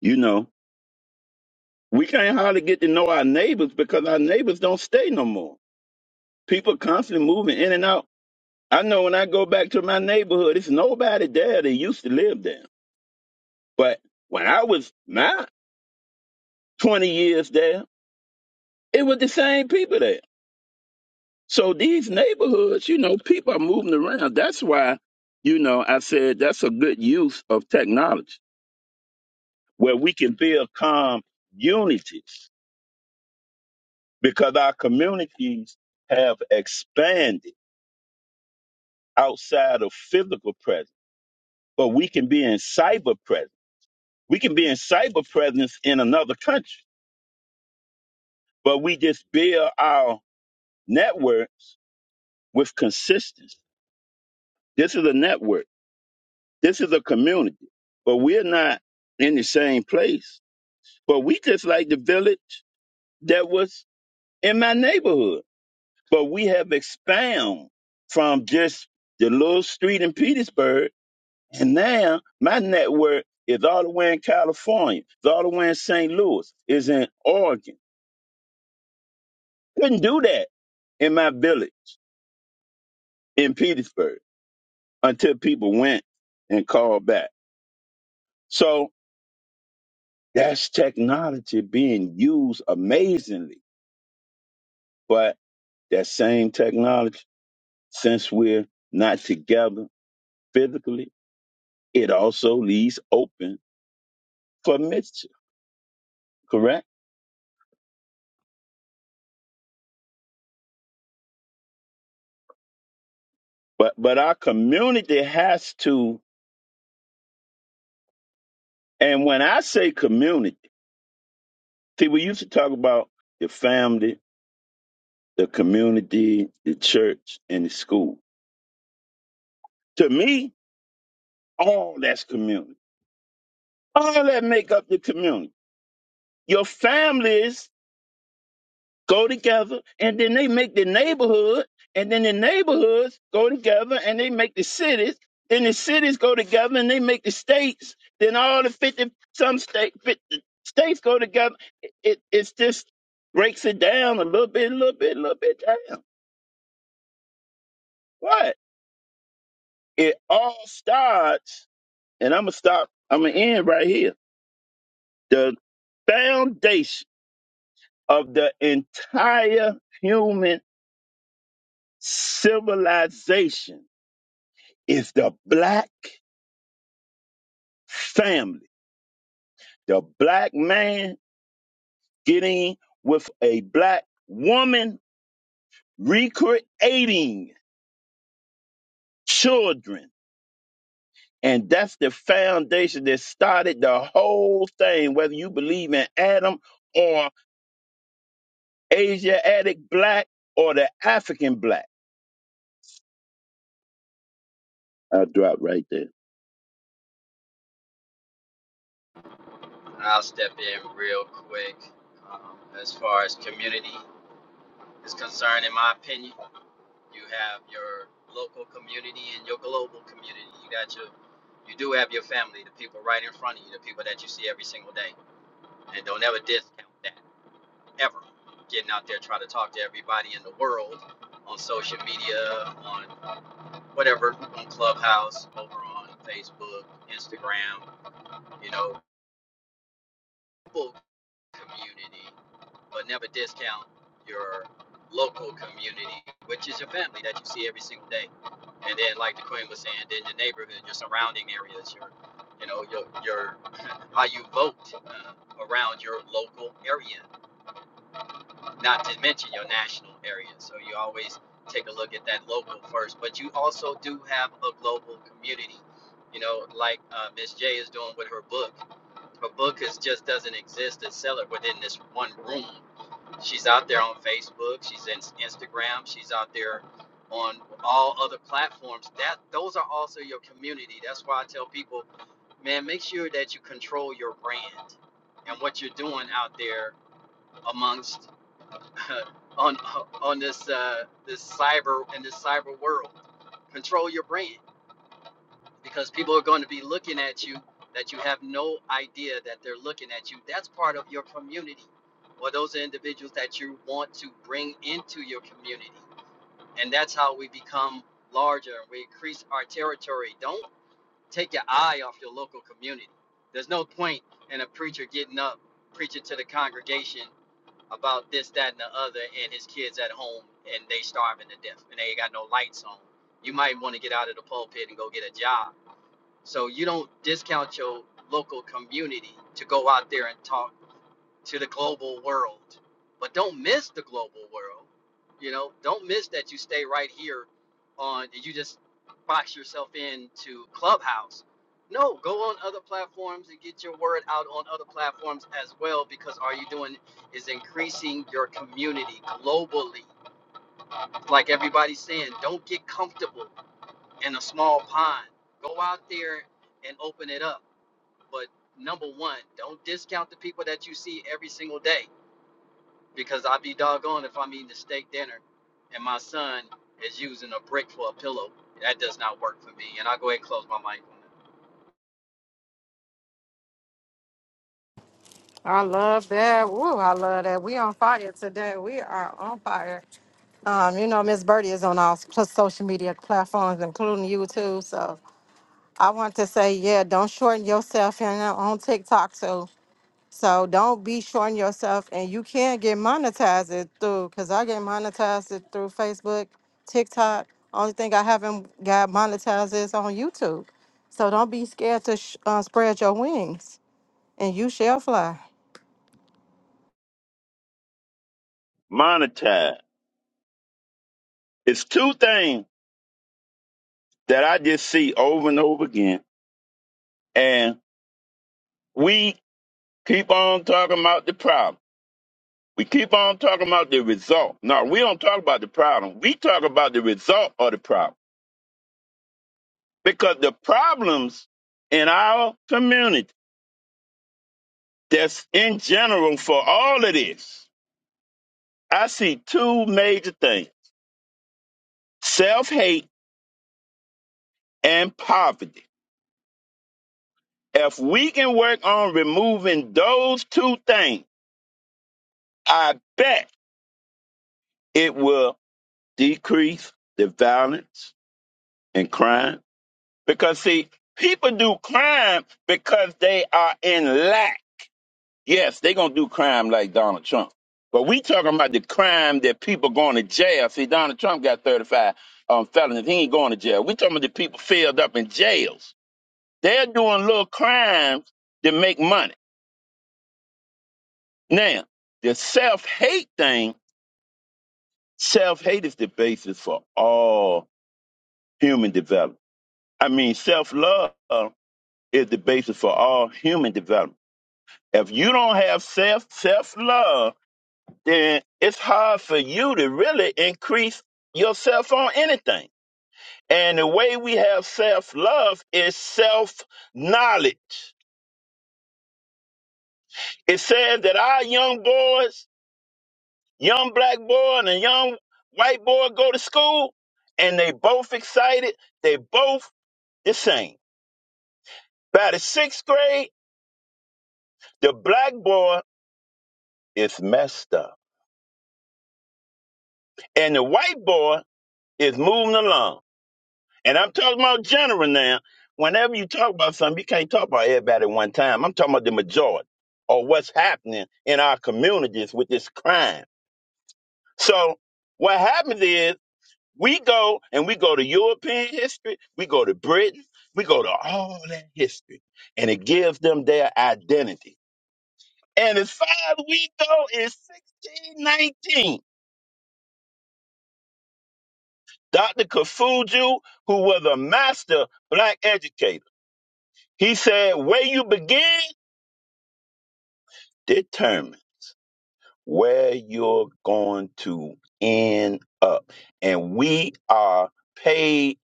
You know, we can't hardly get to know our neighbors because our neighbors don't stay no more. People constantly moving in and out. I know when I go back to my neighborhood, it's nobody there that used to live there. But when I was my twenty years there, it was the same people there So these neighborhoods, you know, people are moving around. That's why, you know, I said that's a good use of technology where we can build calm unities because our communities have expanded outside of physical presence, but we can be in cyber presence. We can be in cyber presence in another country, but we just build our networks with consistency. This is a network. This is a community, but we're not in the same place But we just like the village that was in my neighborhood. But we have expanded from just the little street in Petersburg, and now my network is all the way in California, is all the way in St. Louis, is in Oregon. Couldn't do that in my village in Petersburg until people went and called back. So that's technology being used amazingly. But that same technology, since we're not together physically, it also leaves open for mischief, correct? But but our community has to, and when I say community, see, we used to talk about the family, the community, the church, and the school. To me, all that's community. All that make up the community. Your families go together, and then they make the neighborhood, and then the neighborhoods go together, and they make the cities. Then the cities go together, and they make the states. Then all the fifty some state 50 states go together. It, it it's just breaks it down a little bit, a little bit, a little bit down. But it all starts, and I'm gonna stop. I'm gonna end right here. The foundation of the entire human civilization If the black family, the black man getting with a black woman, recreating children. And that's the foundation that started the whole thing, whether you believe in Adam or Asiatic black or the African black. I drop right there. I'll step in real quick. Um, as far as community is concerned, in my opinion, you have your local community and your global community. You got your, you do have your family, the people right in front of you, the people that you see every single day, and don't ever discount that. ever getting out there trying to talk to everybody in the world on social media, on whatever, on Clubhouse, over on Facebook, Instagram, you know, full community, but never discount your local community, which is your family that you see every single day. And then, like the Queen was saying, then your neighborhood, your surrounding areas, your, you know, your, your how you vote uh, around your local area not to mention your national area. So you always take a look at that local first, but you also do have a global community. You know, like uh, Miss J is doing with her book. Her book is just doesn't exist and sell it within this one room. She's out there on Facebook. She's in Instagram. She's out there on all other platforms. That those are also your community. That's why I tell people, man, make sure that you control your brand and what you're doing out there amongst on on this uh, this cyber in this cyber world. Control your brand because people are going to be looking at you that you have no idea that they're looking at you. That's part of your community or those individuals that you want to bring into your community. And that's how we become larger and we increase our territory. Don't take your eye off your local community. There's no point in a preacher getting up preaching to the congregation about this, that, and the other, and his kids at home and they starving to death and they ain't got no lights on. You might want to get out of the pulpit and go get a job. So you don't discount your local community to go out there and talk to the global world. But don't miss the global world. You know, don't miss that you stay right here on you just box yourself in to Clubhouse. No, go on other platforms and get your word out on other platforms as well because all you're doing is increasing your community globally. Like everybody's saying, don't get comfortable in a small pond. Go out there and open it up. But number one, don't discount the people that you see every single day because I'd be doggone if I'm eating a steak dinner and my son is using a brick for a pillow. That does not work for me. And I'll go ahead and close my mic on I love that. Woo, I love that. We on fire today. We are on fire. Um, you know, Miss Birdie is on all plus social media platforms, including YouTube. So I want to say, yeah, don't shorten yourself and uh, on TikTok too. So don't be shorting yourself, and you can get monetized it through. Cause I get monetized it through Facebook, TikTok. Only thing I haven't got monetized is on YouTube. So don't be scared to sh- uh, spread your wings, and you shall fly. Monetize. It's two things that I just see over and over again. And we keep on talking about the problem. We keep on talking about the result. No, we don't talk about the problem. We talk about the result of the problem because the problems in our community that's in general for all of this. I see two major things self hate and poverty. If we can work on removing those two things, I bet it will decrease the violence and crime. Because, see, people do crime because they are in lack Yes, they gonna do crime like Donald Trump. But we talking about the crime that people going to jail. See, Donald Trump got 35 um, felonies. He ain't going to jail. We talking about the people filled up in jails. They're doing little crimes to make money. Now, the self-hate thing, self-hate is the basis for all human development. I mean, self-love is the basis for all human development. If you don't have self self-love, then it's hard for you to really increase yourself on anything. And the way we have self love is self knowledge. It says that our young boys, young black boy and a young white boy go to school and they both excited, they both the same. By the sixth grade, the black boy is messed up and the white boy is moving along. And I'm talking about general now. Whenever you talk about something, you can't talk about everybody at one time. I'm talking about the majority or what's happening in our communities with this crime. So what happens is we go and we go to European history, we go to Britain, we go to all that history, and it gives them their identity. And as far as we go is 1619. Dr. Kafuju, who was a master black educator, he said, where you begin determine where you're going to end up. And we are paid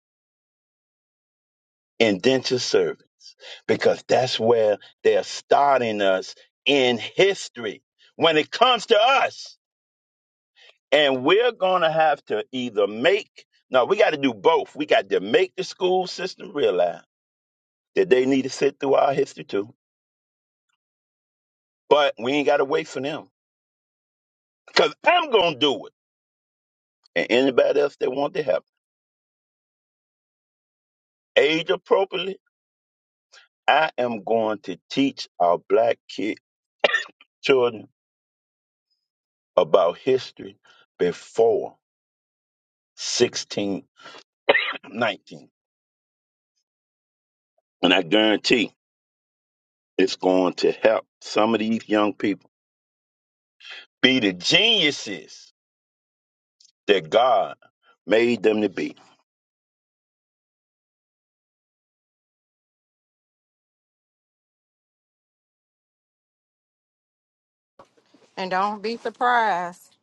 indentured servants because that's where they're starting us in history when it comes to us. And we're going to have to either make, no, we got to do both. We got to make the school system realize that they need to sit through our history too, but we ain't got to wait for them because I'm going to do it. And anybody else that want to help, age appropriately I am going to teach our black kid children about history before 1619. And I guarantee it's going to help some of these young people be the geniuses that God made them to be. And don't be surprised.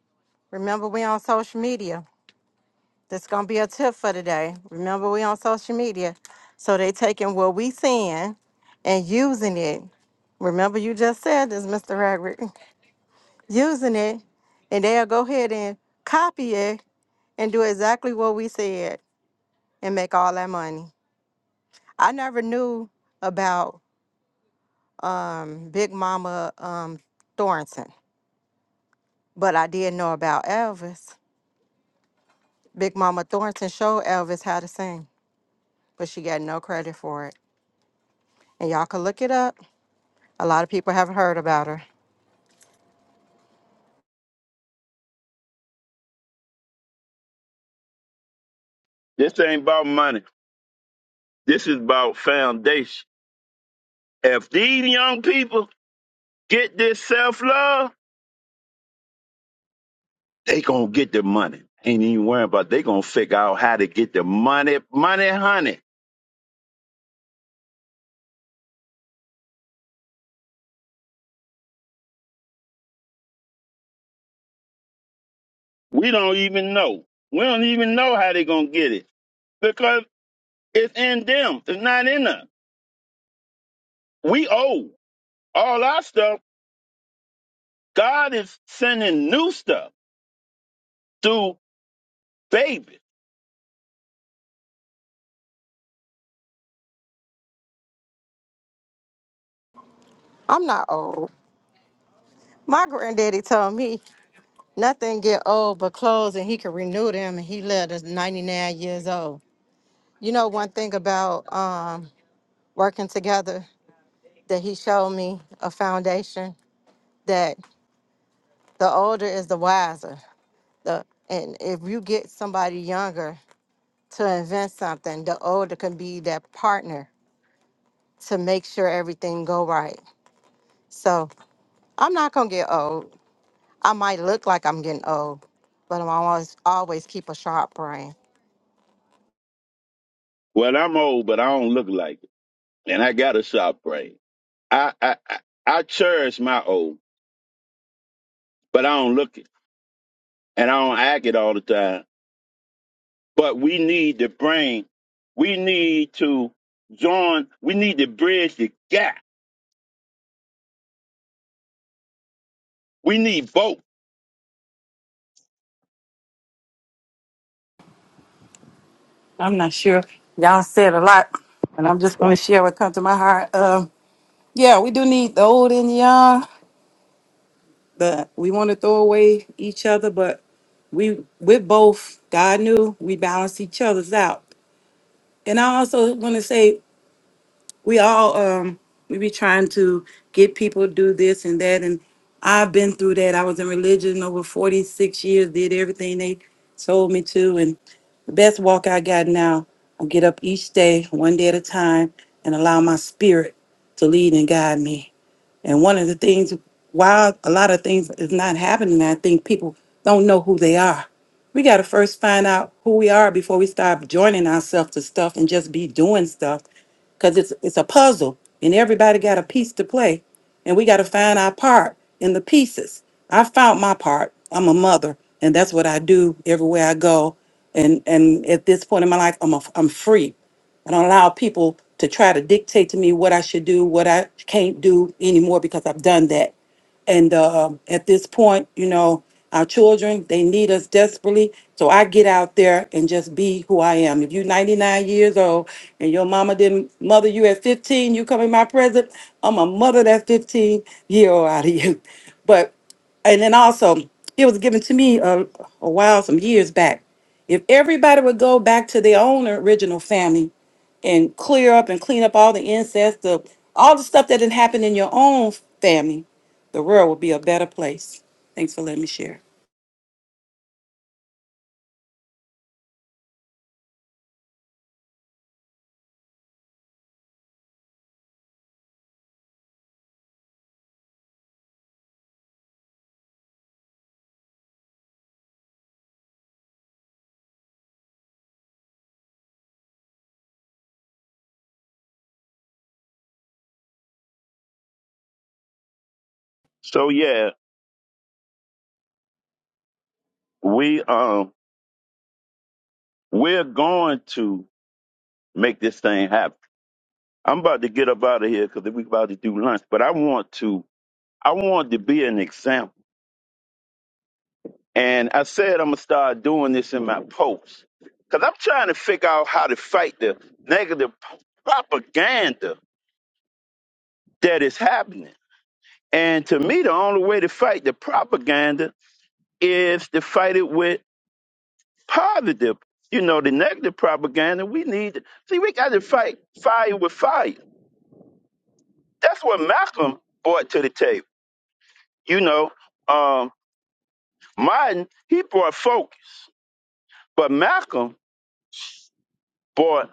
Remember, we on social media. That's gonna be a tip for today. Remember, we on social media, so they taking what we seeing and using it. Remember, you just said this, Mr. Ragrick. using it, and they'll go ahead and copy it and do exactly what we said and make all that money. I never knew about um, Big Mama um, Thornton, but I did know about Elvis. Big Mama Thornton showed Elvis how to sing, but she got no credit for it. And y'all can look it up. A lot of people haven't heard about her. This ain't about money. This is about foundation. If these young people get this self-love, they gonna get the money. Ain't even worrying about they gonna figure out how to get the money, money, honey. We don't even know. We don't even know how they're gonna get it because it's in them. It's not in us. We owe all our stuff. God is sending new stuff through babies. I'm not old. My granddaddy told me nothing get old but clothes, and he could renew them, and he lived to 99 years old. You know, one thing about um, working together that he showed me a foundation that the older is the wiser. The and if you get somebody younger to invent something, the older can be that partner to make sure everything go right. So I'm not gonna get old. I might look like I'm getting old, but I'm always always keep a sharp brain. Well, I'm old, but I don't look like it, and I got a sharp brain. I I I I cherish my old, but I don't look it and I don't act it all the time. But we need the brain. We need to join. We need to bridge the gap. We need both. I'm not sure. Y'all said a lot, and I'm just going to share what comes to my heart. Um. yeah, we do need the old and young. the we want to throw away each other, but we with both God knew we balance each other's out. And I also want to say we all um we be trying to get people to do this and that and I've been through that. I was in religion over 46 years, did everything they told me to and the best walk I got now, I get up each day, one day at a time, and allow my spirit to lead and guide me. And one of the things, while a lot of things is not happening, I think people don't know who they are. We got to first find out who we are before we start joining ourselves to stuff and just be doing stuff because it's, it's a puzzle and everybody got a piece to play. And we got to find our part in the pieces. I found my part. I'm a mother, and that's what I do everywhere I go. And and at this point in my life, I'm a, I'm free. I don't allow people to try to dictate to me what I should do, what I can't do anymore because I've done that. And uh, at this point, you know, our children, they need us desperately. So I get out there and just be who I am. If you're 99 years old and your mama didn't mother you at 15, you come in my present, I'm a mother that 15 year old out of you. But, and then also, it was given to me a, a while, some years back. If everybody would go back to their own original family, and clear up and clean up all the incest, the all the stuff that didn't happen in your own family, the world would be a better place. Thanks for letting me share. So yeah, we um we're going to make this thing happen. I'm about to get up out of here because we about to do lunch, but I want to I want to be an example. And I said I'm gonna start doing this in my posts because I'm trying to figure out how to fight the negative propaganda that is happening. And to me, the only way to fight the propaganda is to fight it with positive. You know, the negative propaganda we need. See, we got to fight fire with fire That's what Malcolm brought to the table. You know, um, Martin, he brought focus, but Malcolm brought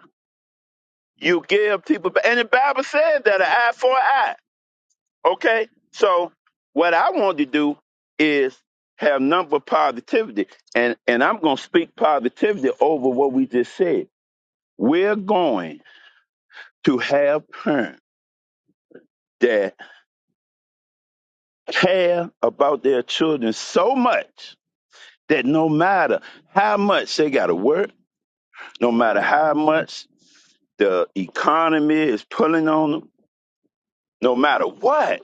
you give people, and the Bible says that an eye for an eye. Okay? So, what I want to do is have number positivity, and, and I'm going to speak positivity over what we just said. We're going to have parents that care about their children so much that no matter how much they got to work, No matter how much the economy is pulling on them, no matter what,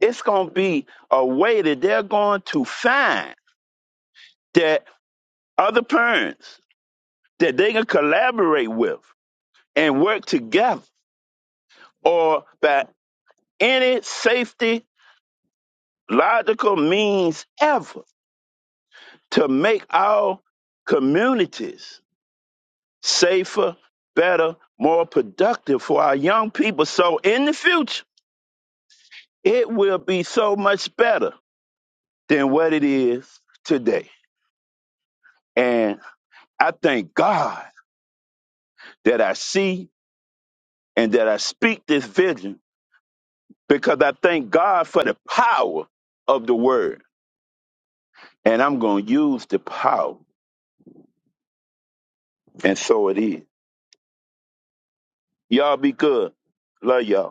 it's going to be a way that they're going to find that other parents that they can collaborate with and work together or by any safety logical means ever to make our communities safer, better, more productive for our young people. So in the future, it will be so much better than what it is today. And I thank God that I see and that I speak this vision because I thank God for the power of the word. And I'm going to use the power. And so it is. Y'all be good. Love y'all.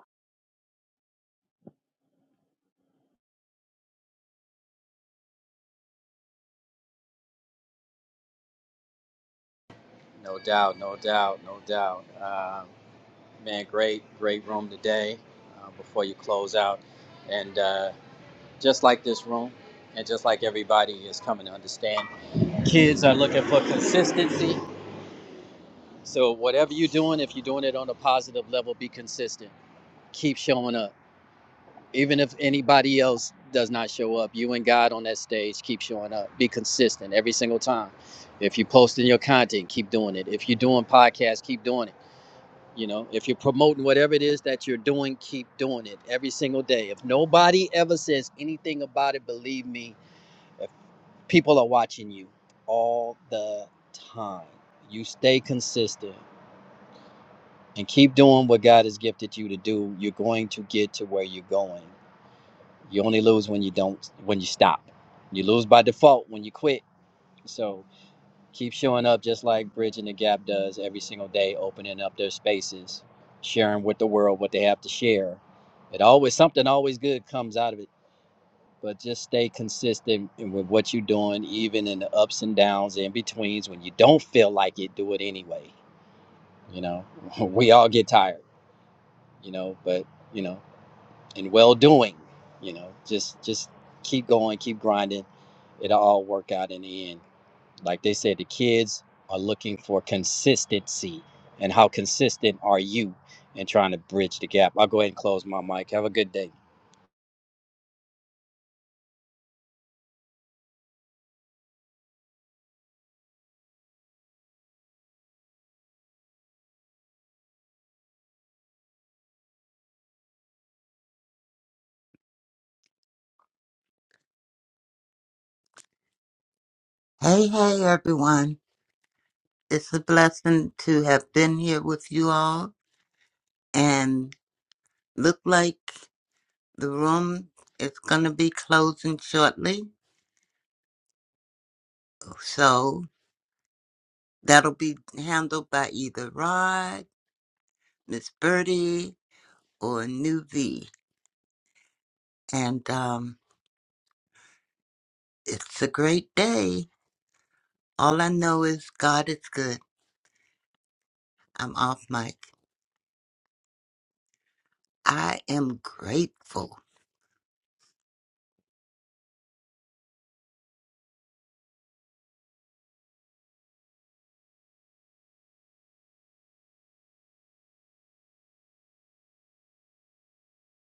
that. No doubt, no doubt, no doubt. Um, man, great, great room today uh, before you close out. And uh, just like this room, and just like everybody is coming to understand, kids are looking for consistency. So, whatever you're doing, if you're doing it on a positive level, be consistent. Keep showing up. even if anybody else does not show up you and god on that stage keep showing up be consistent every single time if you're posting your content keep doing it if you're doing podcasts keep doing it you know if you're promoting whatever it is that you're doing keep doing it every single day if nobody ever says anything about it believe me if people are watching you all the time you stay consistent and keep doing what god has gifted you to do you're going to get to where you're going You only lose when you don't when you stop. You lose by default when you quit. So keep showing up just like Bridging the Gap does every single day, opening up their spaces, sharing with the world what they have to share. It always something always good comes out of it. But just stay consistent with what you're doing, even in the ups and downs, in betweens. When you don't feel like it, do it anyway. You know, we all get tired. You know, but you know. and well doing. You know, just just keep going, keep grinding. It'll all work out in the end. Like they said, the kids are looking for consistency, and how consistent are you in trying to bridge the gap? I'll go ahead and close my mic. Have a good day. hey, everyone. It's a blessing to have been here with you all and look like the room is going to be closing shortly. So that'll be handled by either Rod, Miss Birdie, or New V. And um, it's a great day. All I know is God is good. I'm off mic. I am grateful.